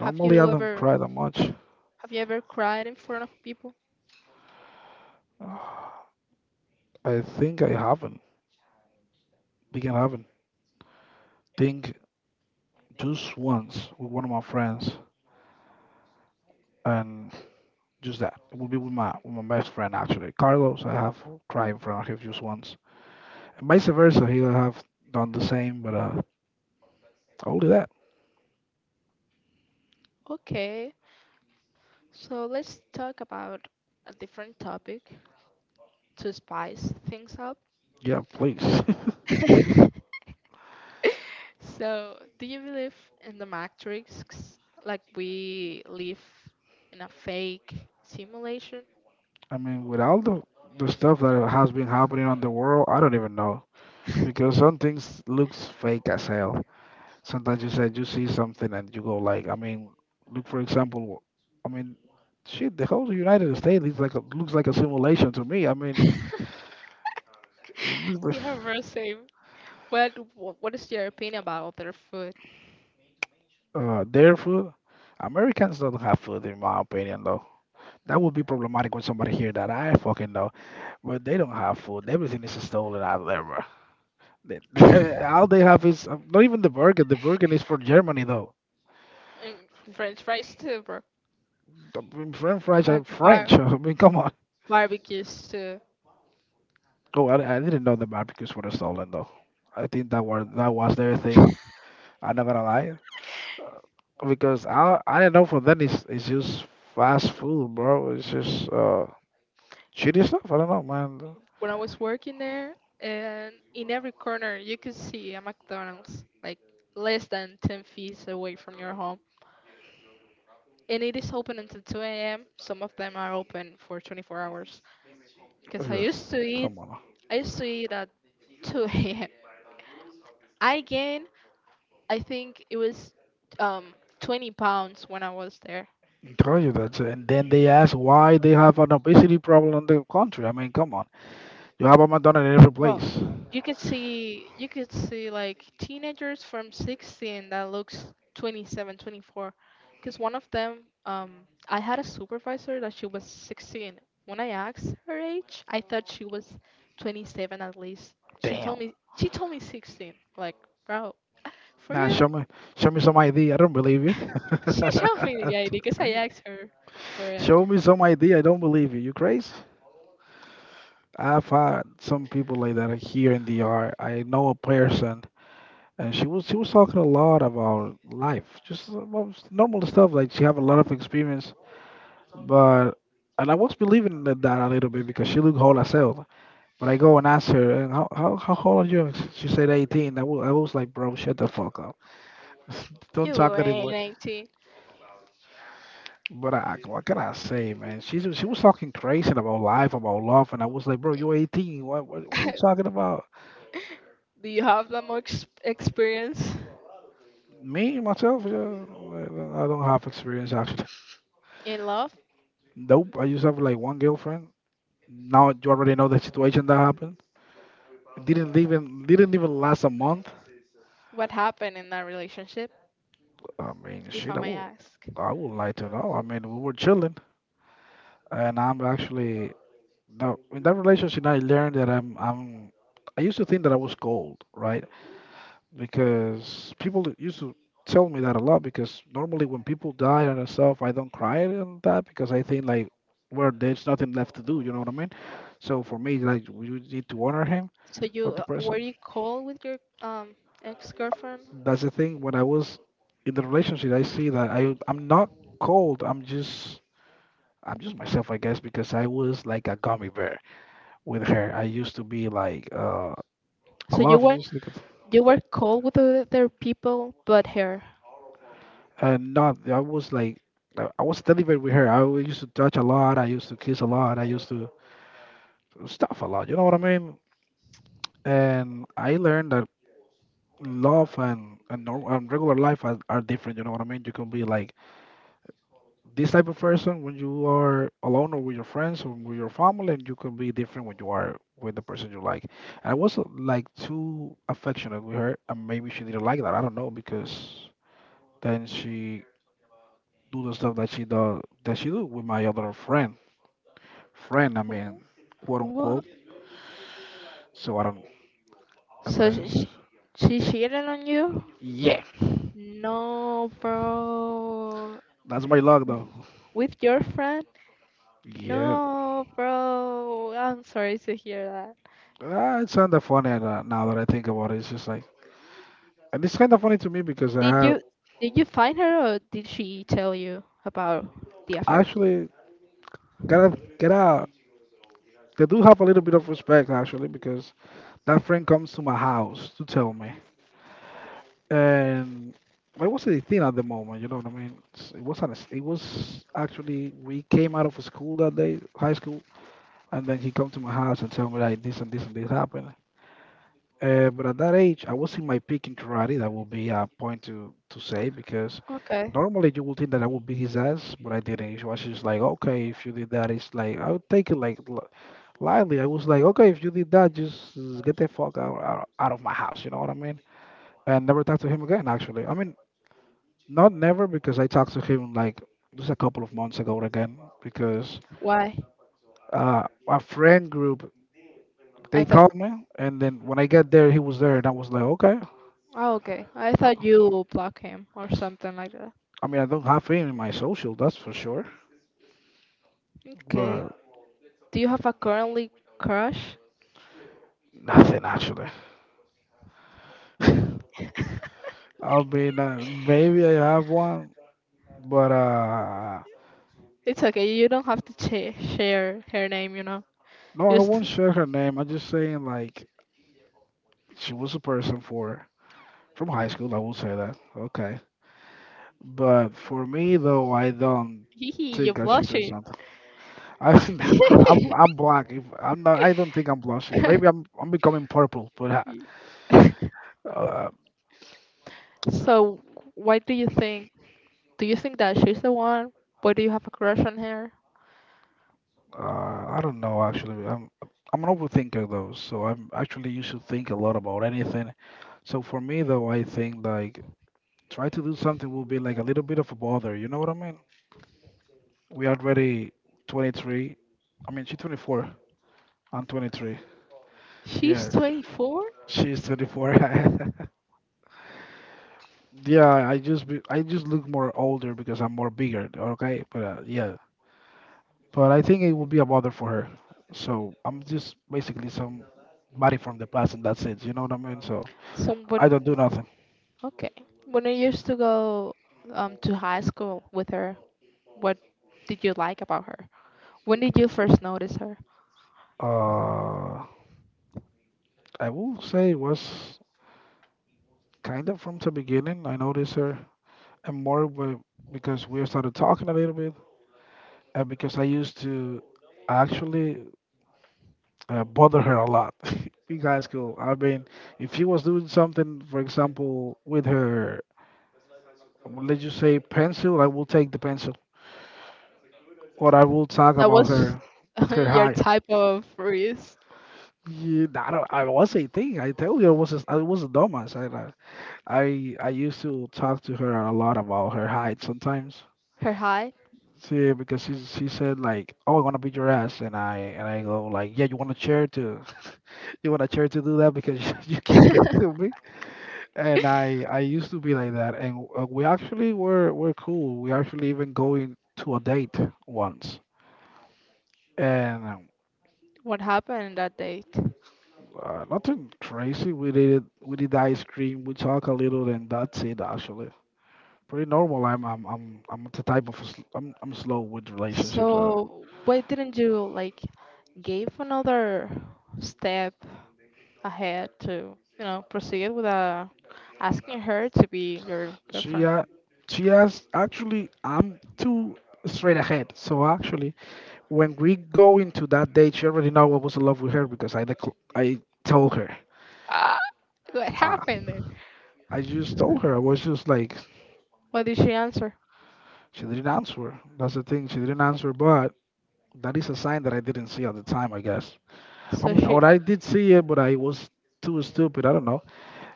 Have
I
you
don't
ever
cry that much.
have you ever cried in front of people?
Uh, I think I haven't. Think I haven't. Think just once with one of my friends, and just that. It will be with my best friend actually, Carlos. I have cried in front of him just once, and vice versa. He will have done the same, but only that.
Okay, so let's talk about a different topic to spice things up.
Yeah, please.
So, do you believe in the Matrix? Like we live in a fake simulation?
I mean, with all the stuff that has been happening on the world, I don't even know because some things looks fake as hell. Sometimes you said you see something and you go like, I mean, look for example, I mean, shit, the whole United States is like a, looks like a simulation to me. I mean, it looks like
Yeah, bro, same. What is your opinion about their food?
their food. Americans don't have food, in my opinion, though. That would be problematic when somebody hear that. I fucking know, but they don't have food. Everything is stolen out there, bro. They all they have is not even the burger. The burger is from Germany, though.
And French fries too, bro.
I mean, French fries
Like,
are
why?
French. I mean, come on.
Barbecues too.
Oh, I didn't know the barbecues were stolen though. I think that were that was their thing. I'm not gonna lie because I don't know for them it's just fast food, bro. It's just shitty stuff. I don't know, man.
When I was working there, and in every corner you could see a McDonald's, like less than 10 feet away from your home. And it is open until 2 a.m. Some of them are open for 24 hours. Because
Yeah, come on,
I used to eat at 2 a.m. I gained, I think it was, um, 20 pounds when I was there.
I'm telling you that. And then they ask why they have an obesity problem in the country. I mean, come on, you have a McDonald's in every
Bro,
place.
you could see, like, teenagers from 16 that looks 27, because one of them, I had a supervisor that she was 16. When I asked her age, I thought she was 27 at least. She told
Damn.
me she told me 16. Like, bro, for
Nah,
real?
show me some ID. I don't believe you.
She showed me the ID because I asked her for it.
Show me some ID. I don't believe you. You crazy? I've had some people like that here in the art. I know a person, and she was talking a lot about life, just about normal stuff. Like she have a lot of experience, but and I was believing that, that a little bit because she looked old as hell. But I go and ask her, and how old are you? And she said 18. I was like, bro, shut the fuck up, don't
You
talk
ain't
anymore.
19.
But I, what can I say, man? She was talking crazy about life, about love, and I was like, bro, you're 18. What are you talking about?
Do you have that much experience
Me myself, yeah, I don't have experience actually.
in love?
Nope, I just have like one girlfriend. Now you already know the situation that happened. Didn't even last a month.
What happened in that relationship?
I mean,
If I
shit,
may ask.
I would like to know. I mean, we were chilling, and I'm actually now in that relationship. I learned that I'm. I used to think that I was cold, right? Because people that used to tell me that a lot because normally when people die and stuff, I don't cry and that because I think like, well, there's nothing left to do. You know what I mean? So for me, like, we would need to honor him,
So you
not the
Were
person.
you cold with your ex-girlfriend?
That's the thing, when I was in the relationship, I see that I'm not cold. I'm just myself, I guess, because I was like a gummy bear with her. I used to be like I
So you
love you,
were
just like
you were cold with the other people but her.
and not, I was like, I was delivered with her. Used to touch a lot. I used to kiss a lot. I used to stuff a lot. You know what I mean? And I learned that love and, norm, and regular life are different. You know what I mean? You can be like this type of person when you are alone or with your friends or with your family, and you can be different when you are with the person you like. I was like too affectionate with her, and maybe she didn't like that. I don't know because then she do the stuff that she do with my other friend, I mean,
Wh-
quote
What?
unquote. So I don't, and
So
then,
she cheated on you?
yeah,
No, bro.
that's my luck though.
With your friend?
Yeah,
No, bro. I'm sorry to hear that.
it's kind of funny now that I think about it. It's just like, and it's kind of funny to me because I
Did
have
you did you find her, or did she tell you about the
I
affair?
actually gotta. I do have a little bit of respect actually because that friend comes to my house to tell me, and it was a thing at the moment. You know what I mean? It's- It wasn't. It was actually we came out of school that day, high school, and then he come to my house and tell me like this and this and this happened. But at that age, I was in my peak in karate. That will be a point to say because
Okay.
normally you would think that I would beat his ass, but I didn't. It was just like, okay, if you did that, it's like I would take it like lightly. I was like, okay, if you did that, just get the fuck out, out of my house. You know what I mean? And never talked to him again. Actually, I mean, not never because I talked to him like just a couple of months ago again because
Why?
uh, a friend group
I
they
thought
called me, and then when I get there, he was there, and I was like, okay.
Oh, okay. I thought you block him or something like that.
I mean, I don't have it in my social, that's for sure,
Okay.
but
Do you have a currently crush?
nothing actually. I mean, maybe I have one, but
It's okay. You don't have to share her name.
no, I
Just
won't share her name. I'm just saying, like, she was a person for from high school. I will say that. Okay, but for me though, I don't
hee hee, you're
think I should do
blushing.
something. I think I'm I'm black. If I'm not, I don't think I'm blushing. Maybe I'm becoming purple, but I, uh,
So, why do you think? Do you think that she's the one? Why do you have a crush on her?
I don't know actually. I'm an overthinker though, so I'm actually used to think a lot about anything. So for me though, I think like try to do something will be like a little bit of a bother. You know what I mean? We are already 23. I mean, she's 24. I'm 23.
She's
Yeah,
24?
she's 24. Yeah, I just look more older because I'm more bigger. Okay, but yeah, but I think it will be a bother for her. So I'm just basically some body from the past, and that's it. You know what I mean? So
Someone.
I don't do nothing.
Okay. When I used to go, to high school with her, what did you like about her? When did you first notice her?
Uh, I will say it was kind of from the beginning. I noticed her, and because we started talking a little bit, and because I used to actually bother her a lot. You guys school, I mean, if she was doing something, for example, with her, let's just say pencil, I will take the pencil what I will talk
That
about
was
her, her
your
height.
type of freeze.
Yeah, I don't. I was a thing. I tell you, I was a dumbass. I used to talk to her a lot about her height sometimes.
Her height?
See, because she said like, "Oh, I want to beat your ass," and I go like, "Yeah, you want a chair to, you want a chair to do that because you can't get to me." And I used to be like that, and we actually were cool. We actually even going to a date once, and um,
What happened that date?
Uh, nothing crazy. We did it. We did ice cream. We talk a little, and that's it. Actually, pretty normal. I'm the type of I'm slow with relationships.
So, why didn't you, like, give another step ahead to, you know, proceed with, asking her to be your
She
girlfriend?
uh, she has actually I'm too straight ahead. So actually, when we go into that date, she already know I was in love with her because I told her.
Ah, what
Uh,
happened there?
I just told her. I was just like
What did she answer?
she didn't answer. That's the thing. She didn't answer, but that is a sign that I didn't see at the time, I guess. I
So
mean,
she,
what I did see it, but I was too stupid. I don't know.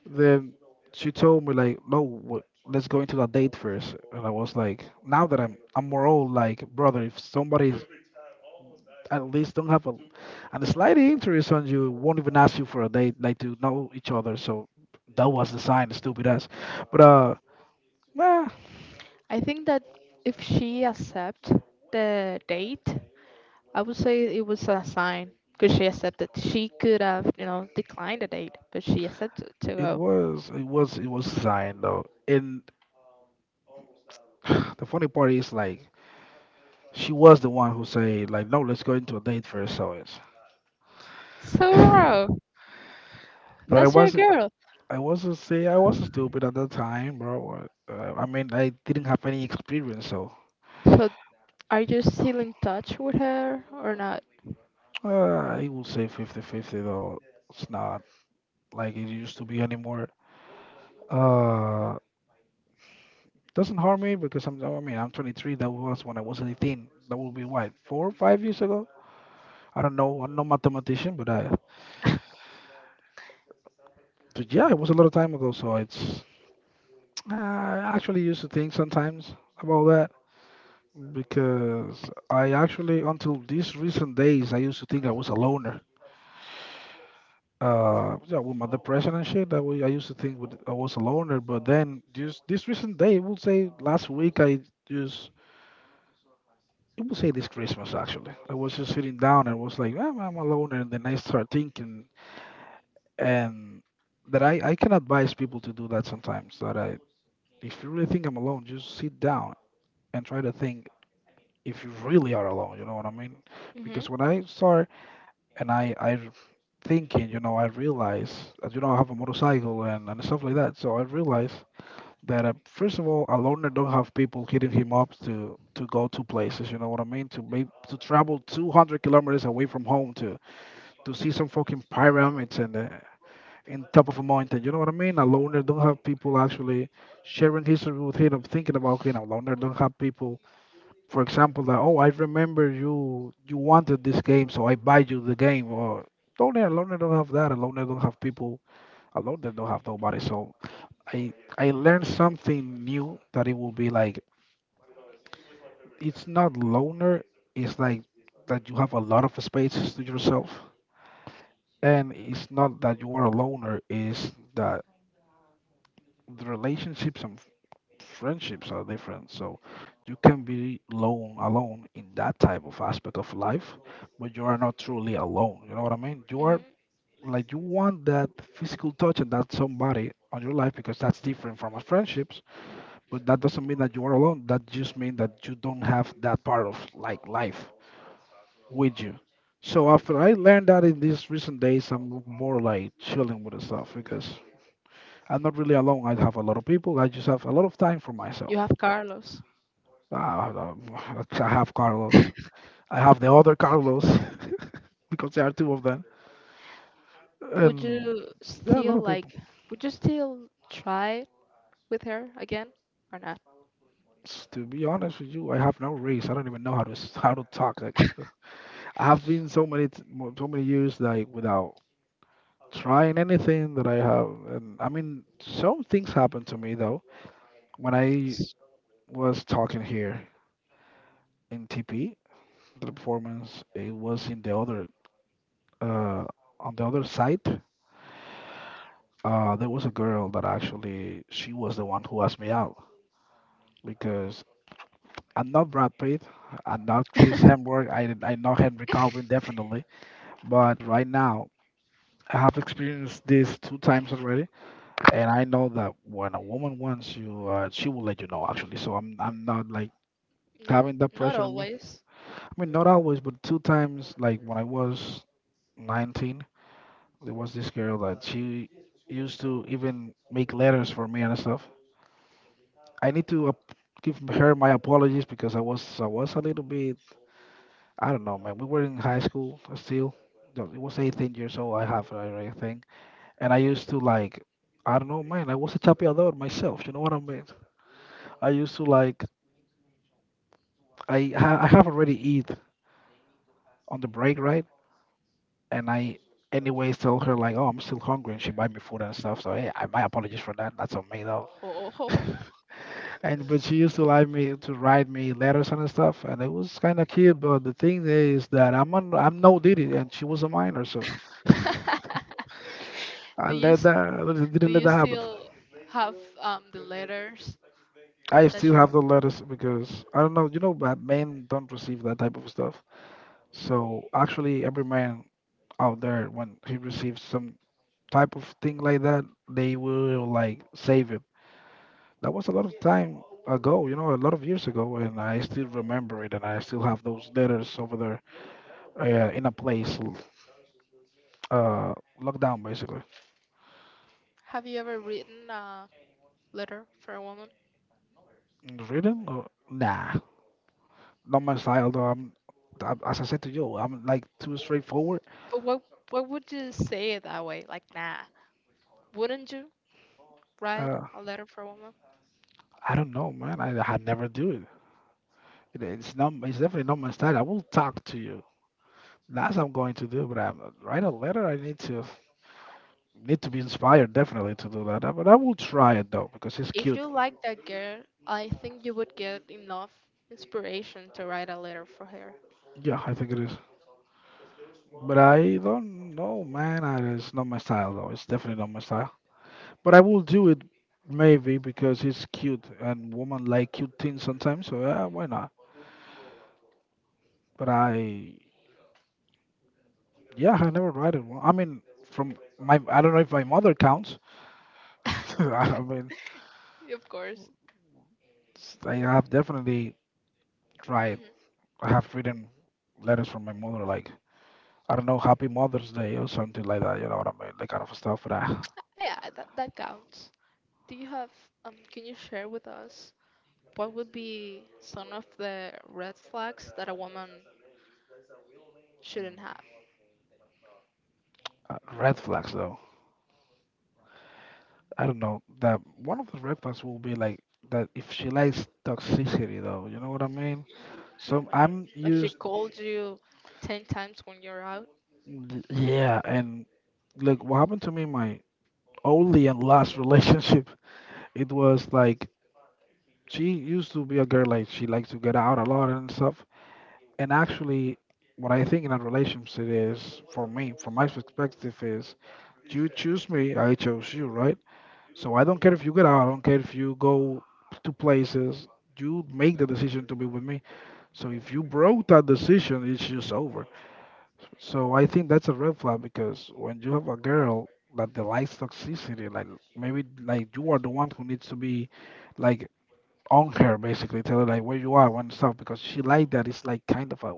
Then she told me like, no, let's go into a date first. And I was like, now that I'm more old, like brother, if somebody at least don't have a and a slight interest on you, won't even ask you for a date, like to know each other. So that was the sign, stupid ass. But uh, nah,
I think that if she accept the date, I would say it was a sign because she accepted. She could have, you know, declined the date, but she accepted to
it
go.
was it was it was a sign though. And the funny part is like, she was the one who said like, no, let's go into a date first. So it's.
So, bro,
But I
that's your
wasn't.
girl.
I wasn't say I wasn't stupid at that time, bro. I mean, I didn't have any experience, so
So, are you still in touch with her or not?
I would say 50-50. Though, it's not like it used to be anymore. Uh, doesn't harm me because I'm. I mean, I'm 23. That was when I was 18. That would be what four or five years ago. I don't know. I'm no mathematician, but I. But yeah, it was a lot of time ago. So it's. I actually used to think sometimes about that, because I actually, until these recent days, I used to think I was a loner. Yeah, with my depression and shit, I used to think I was a loner. But then, just this recent day, we'll say last week, just, it will say this Christmas actually. I was just sitting down and was like, "Ah, I'm a loner." And then I start thinking, and that I can advise people to do that sometimes. That I, if you really think I'm alone, just sit down and try to think if you really are alone. You know what I mean?
Mhm.
Because when I start and I r- thinking, you know, I realize that you know I have a motorcycle and stuff like that. So I realize that first of all, a loner don't have people hitting him up to go to places. You know what I mean? To maybe to travel 200 kilometers away from home to see some fucking pyramids and in top of a mountain, you know what I mean? A loner don't have people actually sharing history with him, thinking about him. A loner don't have people, for example, that oh, I remember you wanted this game, so I buy you the game. Or alone, loner don't have that. Loner don't have people, alone, they don't have nobody. So i I learned something new that it will be like it's not loner, it's like that you have a lot of spaces to yourself, and it's not that you are a loner, it's that the relationships and friendships are different. So you can be alone in that type of aspect of life, but you are not truly alone. You know what I mean? You are
Mhm.
like you want that physical touch and that somebody on your life because that's different from a friendships. But that doesn't mean that you are alone. That just means that you don't have that part of like life with you. So after I learned that in these recent days, I'm more like chilling with the stuff because I'm not really alone. I have a lot of people. I just have a lot of time for myself.
You have Carlos.
I, I I have Carlos. I have the other Carlos. Because there are two of them.
Would
And
you
yeah, a lot
still
of people.
like? Would you still try with her again or not?
To be honest with you, I have no race. I don't even know how to how to talk. Like, I have been so many so many years like without trying anything that I have. And I mean, some things happened to me though when I was talking here in TP. The performance it was in the other uh on the other side. There was a girl that actually she was the one who asked me out because I'm not Brad Pitt, I'm not Chris Hemsworth, I know Henry Calvin definitely, but right now I have experienced this two times already, and I know that when a woman wants you, she will let you know actually. So I'm not like
Not,
having that
not
pressure on me.
always.
I mean, not always, but two times like when I was 19, there was this girl that she used to even make letters for me and stuff. I need to give her my apologies because I was a little bit, I don't know, man. We were in high school still. No, it was 18 years old, I have I think, and I used to like, I don't know, man. I was a chapeador myself. You know what I mean? I used to like, I have already eat on the break, right, and I anyways tell her like, oh, I'm still hungry, and she buy me food and stuff. So hey, I, my apologies for that. That's on me though.
Ho, ho, ho.
And but she used to like me, to write me letters and stuff, and it was kind of cute. But the thing is that I'm no diddy, and she was a minor, so I
do you
let
s-
that
do
didn't let
you
that happen.
still have the letters
I
that
still
she
have
wrote?
the letters because I don't know, you know, but men don't receive that type of stuff. So actually, every man out there when he receives some type of thing like that, they will like save it. That was a lot of time ago, you know, a lot of years ago, and I still remember it, and I still have those letters over there. Yeah, in a place, uh, lockdown basically.
Have you ever written a letter for a woman?
Mm, reading? Nah, not my style though. I, as I said to you, I'm like too straightforward.
But what would you say it that way? Like, nah. Wouldn't you write
Uh,
a letter for a woman?
I don't know, man. I never do it. It's not. It's definitely not my style. I will talk to you. That's I'm going to do. But I write a letter, I need to be inspired definitely to do that. But I will try it though because it's
If
cute.
you like that girl, I think you would get enough inspiration to write a letter for her.
Yeah, I think it is. But I don't know, man. I, it's not my style though. It's definitely not my style. But I will do it maybe because it's cute and women like cute things sometimes, so yeah, why not? But I, yeah, I never ride it. Well, I mean, from my, I don't know if my mother counts. I mean,
Of course.
I have definitely tried. I have written letters from my mother, like, I don't know, Happy Mother's Day or something like that. You know what I mean? That kind of stuff. But I,
Yeah, that counts. Do you have, can you share with us what would be some of the red flags that a woman shouldn't have?
red flags though. I don't know. That one of the red flags will be like that if she likes toxicity though. You know what I mean? So
Like
I'm
if she
used,
called you 10 times when you're out,
yeah, and like what happened to me in my only and last relationship, it was like she used to be a girl like she likes to get out a lot and stuff. And actually, what I think in a relationship is, for me, from my perspective, is you choose me, I chose you, right? So I don't care if you get out, I don't care if you go to places. You make the decision to be with me. So if you broke that decision, it's just over. So I think that's a red flag because when you have a girl that they likes toxicity, like maybe like you are the one who needs to be like on her basically, tell her like where you are and stuff because she like that. It's like kind of a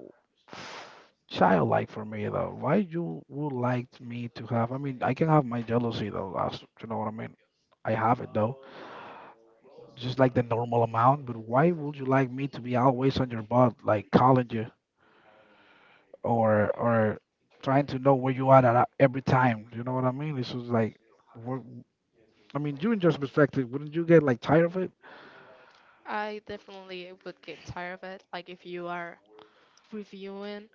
childlike for me though. Why you would like me to have? I mean, I can have my jealousy though. As you know what I mean. I have it though, just like the normal amount. But why would you like me to be always on your butt, like calling you? Or trying to know where you are at every time. You know what I mean? This was like, wha- I mean, you in your perspective, wouldn't you get like tired of it?
I definitely would get tired of it. Like if you are reviewing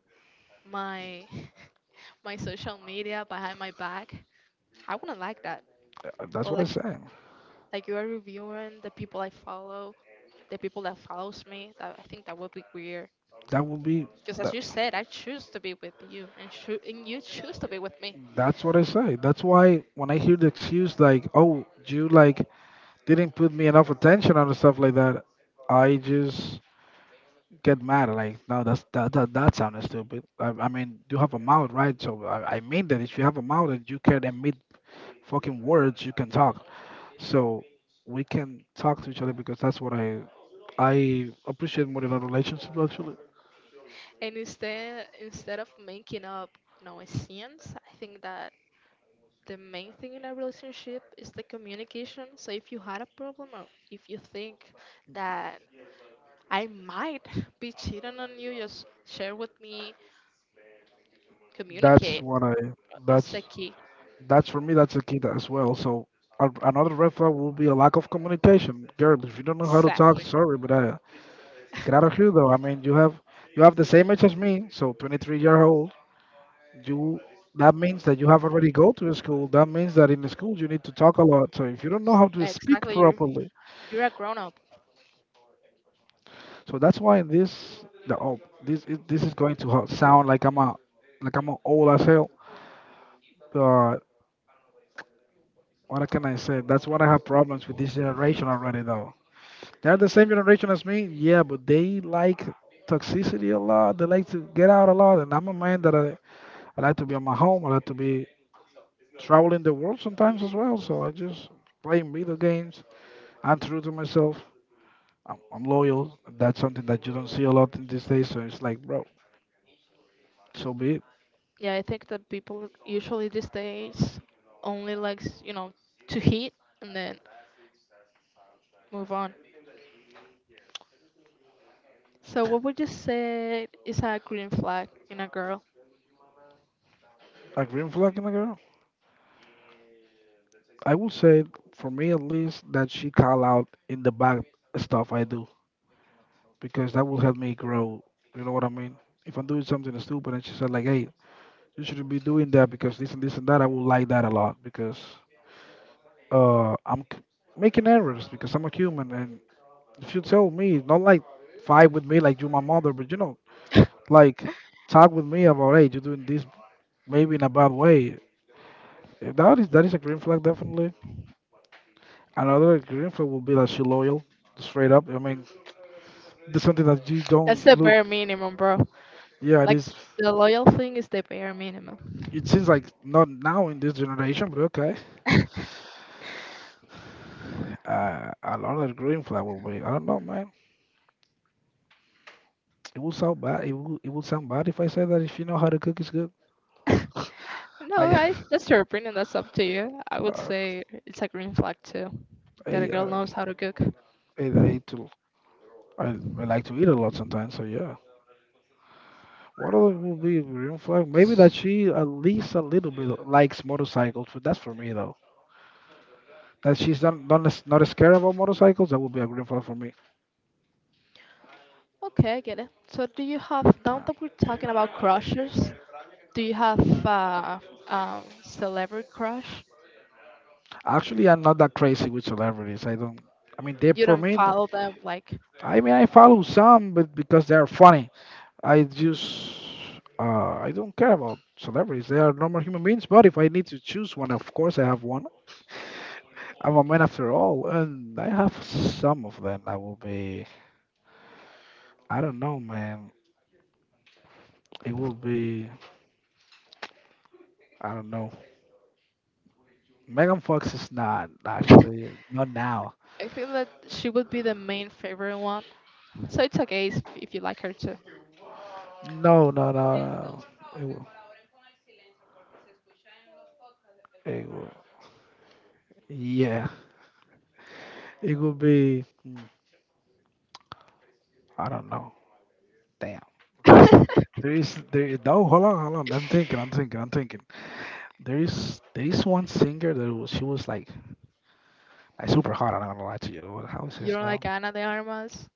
my my social media behind my back, I wouldn't like that.
That's
Or
what I
like
say.
like you are reviewing the people I follow, the people that follows me. That I think that would be weird.
That would be
Because as
that.
you said, I choose to be with you, and you choose to be with me.
That's what I say. That's why when I hear the excuse like, "Oh, you like didn't put me enough attention on and stuff like that," I just get mad. Like, no, that's that sounded stupid. I mean, you have a mouth, right? So I mean that if you have a mouth and you can emit fucking words, you can talk. So we can talk to each other because that's what I appreciate more in a relationship actually.
And instead of making up, you know, a scenes, I think that the main thing in a relationship is the communication. So if you had a problem or if you think that I might be cheating on you, just share with me,
That's
communicate.
what I
That's the
that's
key.
that's for me that's a key to- as well. So a- another red flag will be a lack of communication. Girl, if you don't know how to talk,
Exactly.
sorry, but get out of here though. I mean, you have the same age as me, so 23-year-old. You that means that you have already go to a school. That means that in the school you need to talk a lot. So if you don't know how to speak
Exactly. You're
properly,
you're a grown up.
so that's why in this the oh this is going to ho- sound like I'm a old as hell. But what can I say? That's what I have problems with this generation already though. They're the same generation as me, yeah, but they like toxicity a lot. They like to get out a lot, and I'm a man that I like to be on my home. I like to be traveling the world sometimes as well. So I just playing video games. I'm true to myself. I'm loyal. That's something that you don't see a lot in these days. So it's like, bro, so be it.
Yeah, I think that people usually these days only likes, you know, to hit and then move on. So what would you say is a green flag in a girl?
Like green flag in the girl. I will say, for me at least, that she call out in the bad stuff I do because that will help me grow. You know what I mean? If I'm doing something stupid and she said like, "Hey, you shouldn't be doing that because this and this and that," I will like that a lot because I'm c- making errors because I'm a human. And if you tell me, not like fight with me like you're my mother, but you know, like talk with me about, "Hey, you're doing this maybe in a bad way." That is a green flag definitely. Another green flag will be that she loyal straight up. I mean, that's something that you
That's
don't
the
look.
bare minimum, bro.
Yeah, it
Like
is.
the loyal thing is the bare minimum.
It seems like not now in this generation, but okay. A lot of green flag will be. I don't know, man. It will sound bad. It will. It will sound bad if I say that if you know how to cook, it's good.
No,
I,
I, that's your opinion. That's up to you. I would
uh,
say it's a green flag too, that a
I,
girl
uh,
knows how to cook.
I eat. To- I like to eat a lot sometimes. So yeah. What other will be a green flag? Maybe that she at least a little bit likes motorcycles. But that's for me though. That she's not not, as- not as scared about motorcycles. That would be a green flag for me.
Okay, I get it. So, do you have, now that we're talking about crushes, do you have celebrity crush?
Actually, I'm not that crazy with celebrities. I don't. I mean, they
You
for
don't
me.
follow them, like,
I mean, I follow some, but because they are funny, I just I don't care about celebrities. They are normal human beings. But if I need to choose one, of course I have one. I'm a man after all, and I have some of them. I will be. I don't know, man. It will be. I don't know. Megan Fox is not
I
actually not now.
think that she would be the main favorite one. So, it's okay if you like her too.
No, no, no, no, no. It will. It will. Yeah. It will be. Mm, I don't know. Damn. There is. There is. There. Is- No. Hold on. Hold on. I'm thinking. I'm thinking. I'm thinking. There is. There is one singer that was, she was like super hot. I'm not gonna lie to you. What how is
You
this
don't like
now?
Ana de Armas?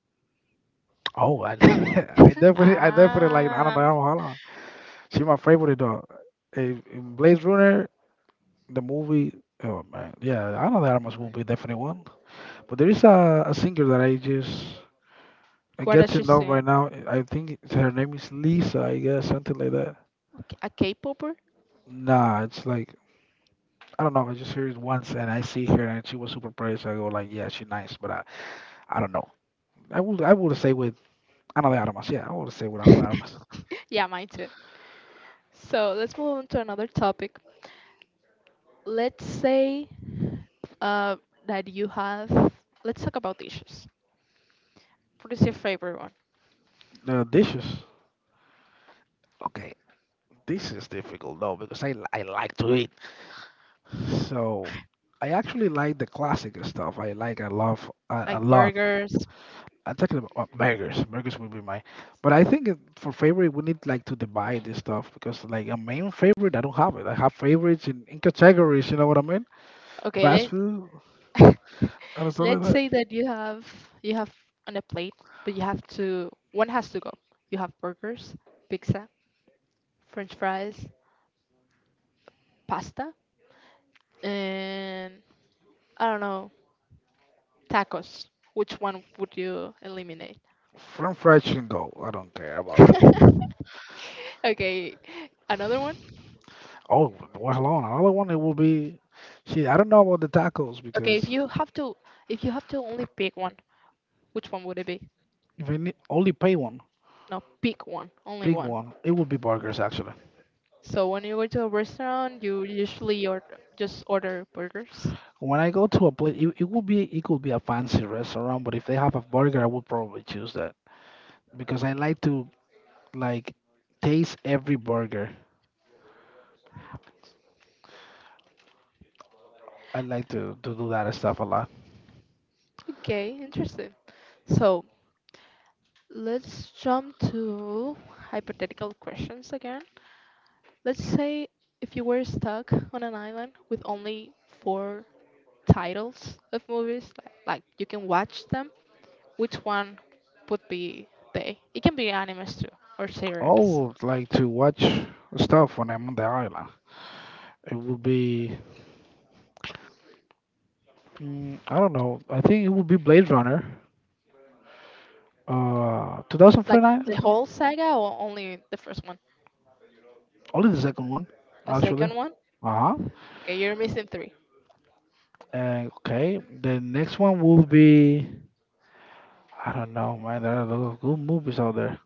Oh, I, I definitely. I definitely like. I don't
Ah,
know. Hold on. She my favorite though. in Blade Runner, the movie. Oh man. Yeah. I know that Armas will be definitely one. But there is a singer that I just. I
what
get
does
to
she
know right
say?
now. I think her name is Lisa, I guess, something like that.
Okay, a K-popper?
Nah, it's like I don't know. I just heard it once and I see her and she was super pretty. So I go like, yeah, she's nice, but I don't know. I would say with Ana de Armas. Yeah, I would say with Ana de Armas.
Yeah, mine too. So let's move on to another topic. Let's say uh, that you have. Let's talk about dishes. What is your favorite one?
The dishes. Okay, this is difficult though because I like to eat. So I actually like the classic stuff. I like I love a
Like
lot.
burgers.
I'm talking about burgers. Burgers would be my, but I think it- for favorite we need like to divide this stuff because like a main favorite I don't have it. I have favorites in categories. You know what I mean?
Okay,
Fast
let's
food? I just don't
let's
like that.
say that you have on a plate, but you have to one has to go. You have burgers, pizza, French fries, pasta, and I don't know Tacos. Which one would you eliminate?
French fried chicken go. I don't care about it.
Okay, another one.
Oh, well, hold on. Another one it will be. Shit, I don't know about the tacos
Okay, if
because
you have to, if you have to only pick one, which one would it be?
if I need, only pay one,
No, pick one, only
big
one.
one, it will be burgers actually.
So when you go to a restaurant, you usually or just order burgers.
When I go to a place, it will be it could be a fancy restaurant, but if they have a burger, I would probably choose that because I like to like taste every burger. I like to do that stuff a lot.
Okay, interesting. So let's jump to hypothetical questions again. Let's say if you were stuck on an island with only 4 titles of movies like you can watch them which one would be they it can be animes too or series
Oh, like to watch stuff when I'm on the island. It would be mm, I don't know. I think it would be Blade Runner.
like
2049?
the whole saga or only the first one
Only the second one,
the
actually.
second one
Uh-huh.
okay you're missing three.
And okay, the next one will be I don't know, man. There are a lot of good movies out there.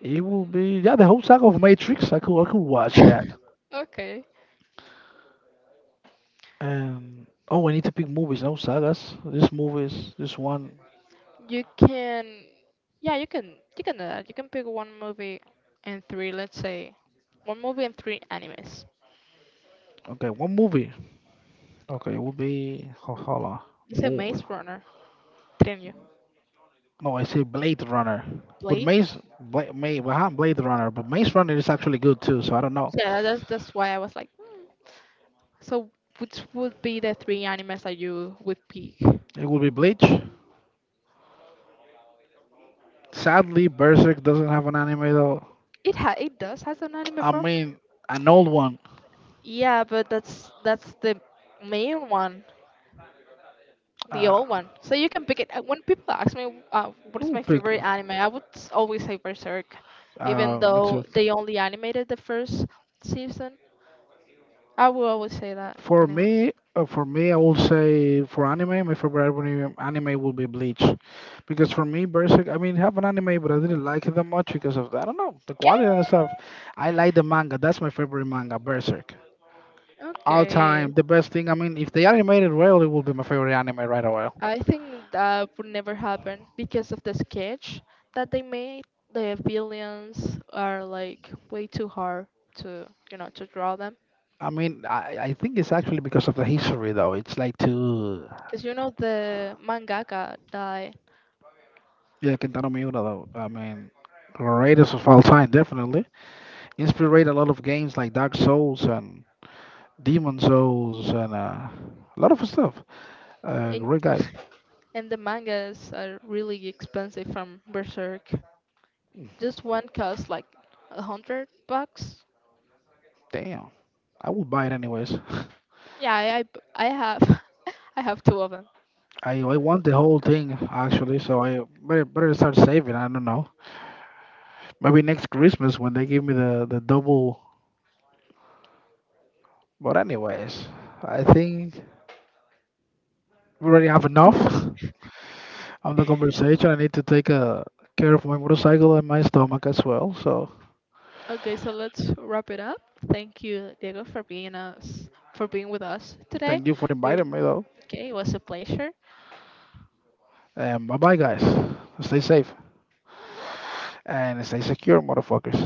It will be yeah, the whole saga of Matrix. I could watch that.
Okay,
And oh, I need to pick movies, no sagas. This movies, this one.
you can yeah you can do that you can pick one movie and three let's say one movie and three animes.
Okay, one movie. Okay, it will be ho- hold on.
You said
Movie.
maze runner didn't you
No, I say Blade Runner. But
blade.
Maze, Bla- May, well, Blade Runner, but Maze Runner is actually good too. So I don't know.
Yeah that's why I was like hmm. So, which would be the three animes that you would pick?
It will be Bleach. Sadly, Berserk doesn't have an anime though.
It does has an anime,
I
bro.
mean, an old one.
Yeah, but that's the main one, the
Uh,
old one. So you can pick it. When people ask me what is
who
my
pick?
favorite anime, I would always say Berserk, even
Me
though
too.
they only animated the first season. I will always say that, anyways.
For me, I will say for anime, my favorite anime will be Bleach, because for me, Berserk. I mean, have an anime, but I didn't like it that much because of I don't know the
Okay.
quality and stuff. I like the manga. That's my favorite manga, Berserk. All time
Okay.
the best thing I mean if the animated well, it will be my favorite anime right away.
I think that would never happen because of the sketch that they made. The villains are like way too hard to, you know, to draw them.
I mean I think it's actually because of the history though it's like too
Because you know the mangaka died,
yeah Kentaro Miura though I mean greatest of all time definitely inspired a lot of games like Dark Souls and Demon Souls and a lot of stuff
and
great guy.
and the mangas are really expensive from Berserk. Just one costs like 100 bucks.
Damn. I would buy it anyways.
Yeah, I have I have two of them.
I want the whole thing actually so I better, better start saving I don't know maybe next Christmas when they give me the double. But anyways, I think we already have enough on the conversation. I need to take care of my motorcycle and my stomach as well. So
Okay, so let's wrap it up. Thank you, Diego, for being us for being with us today.
thank you for
You,
inviting me though.
okay, it was a pleasure.
And bye bye guys. Stay safe and stay secure, motherfuckers.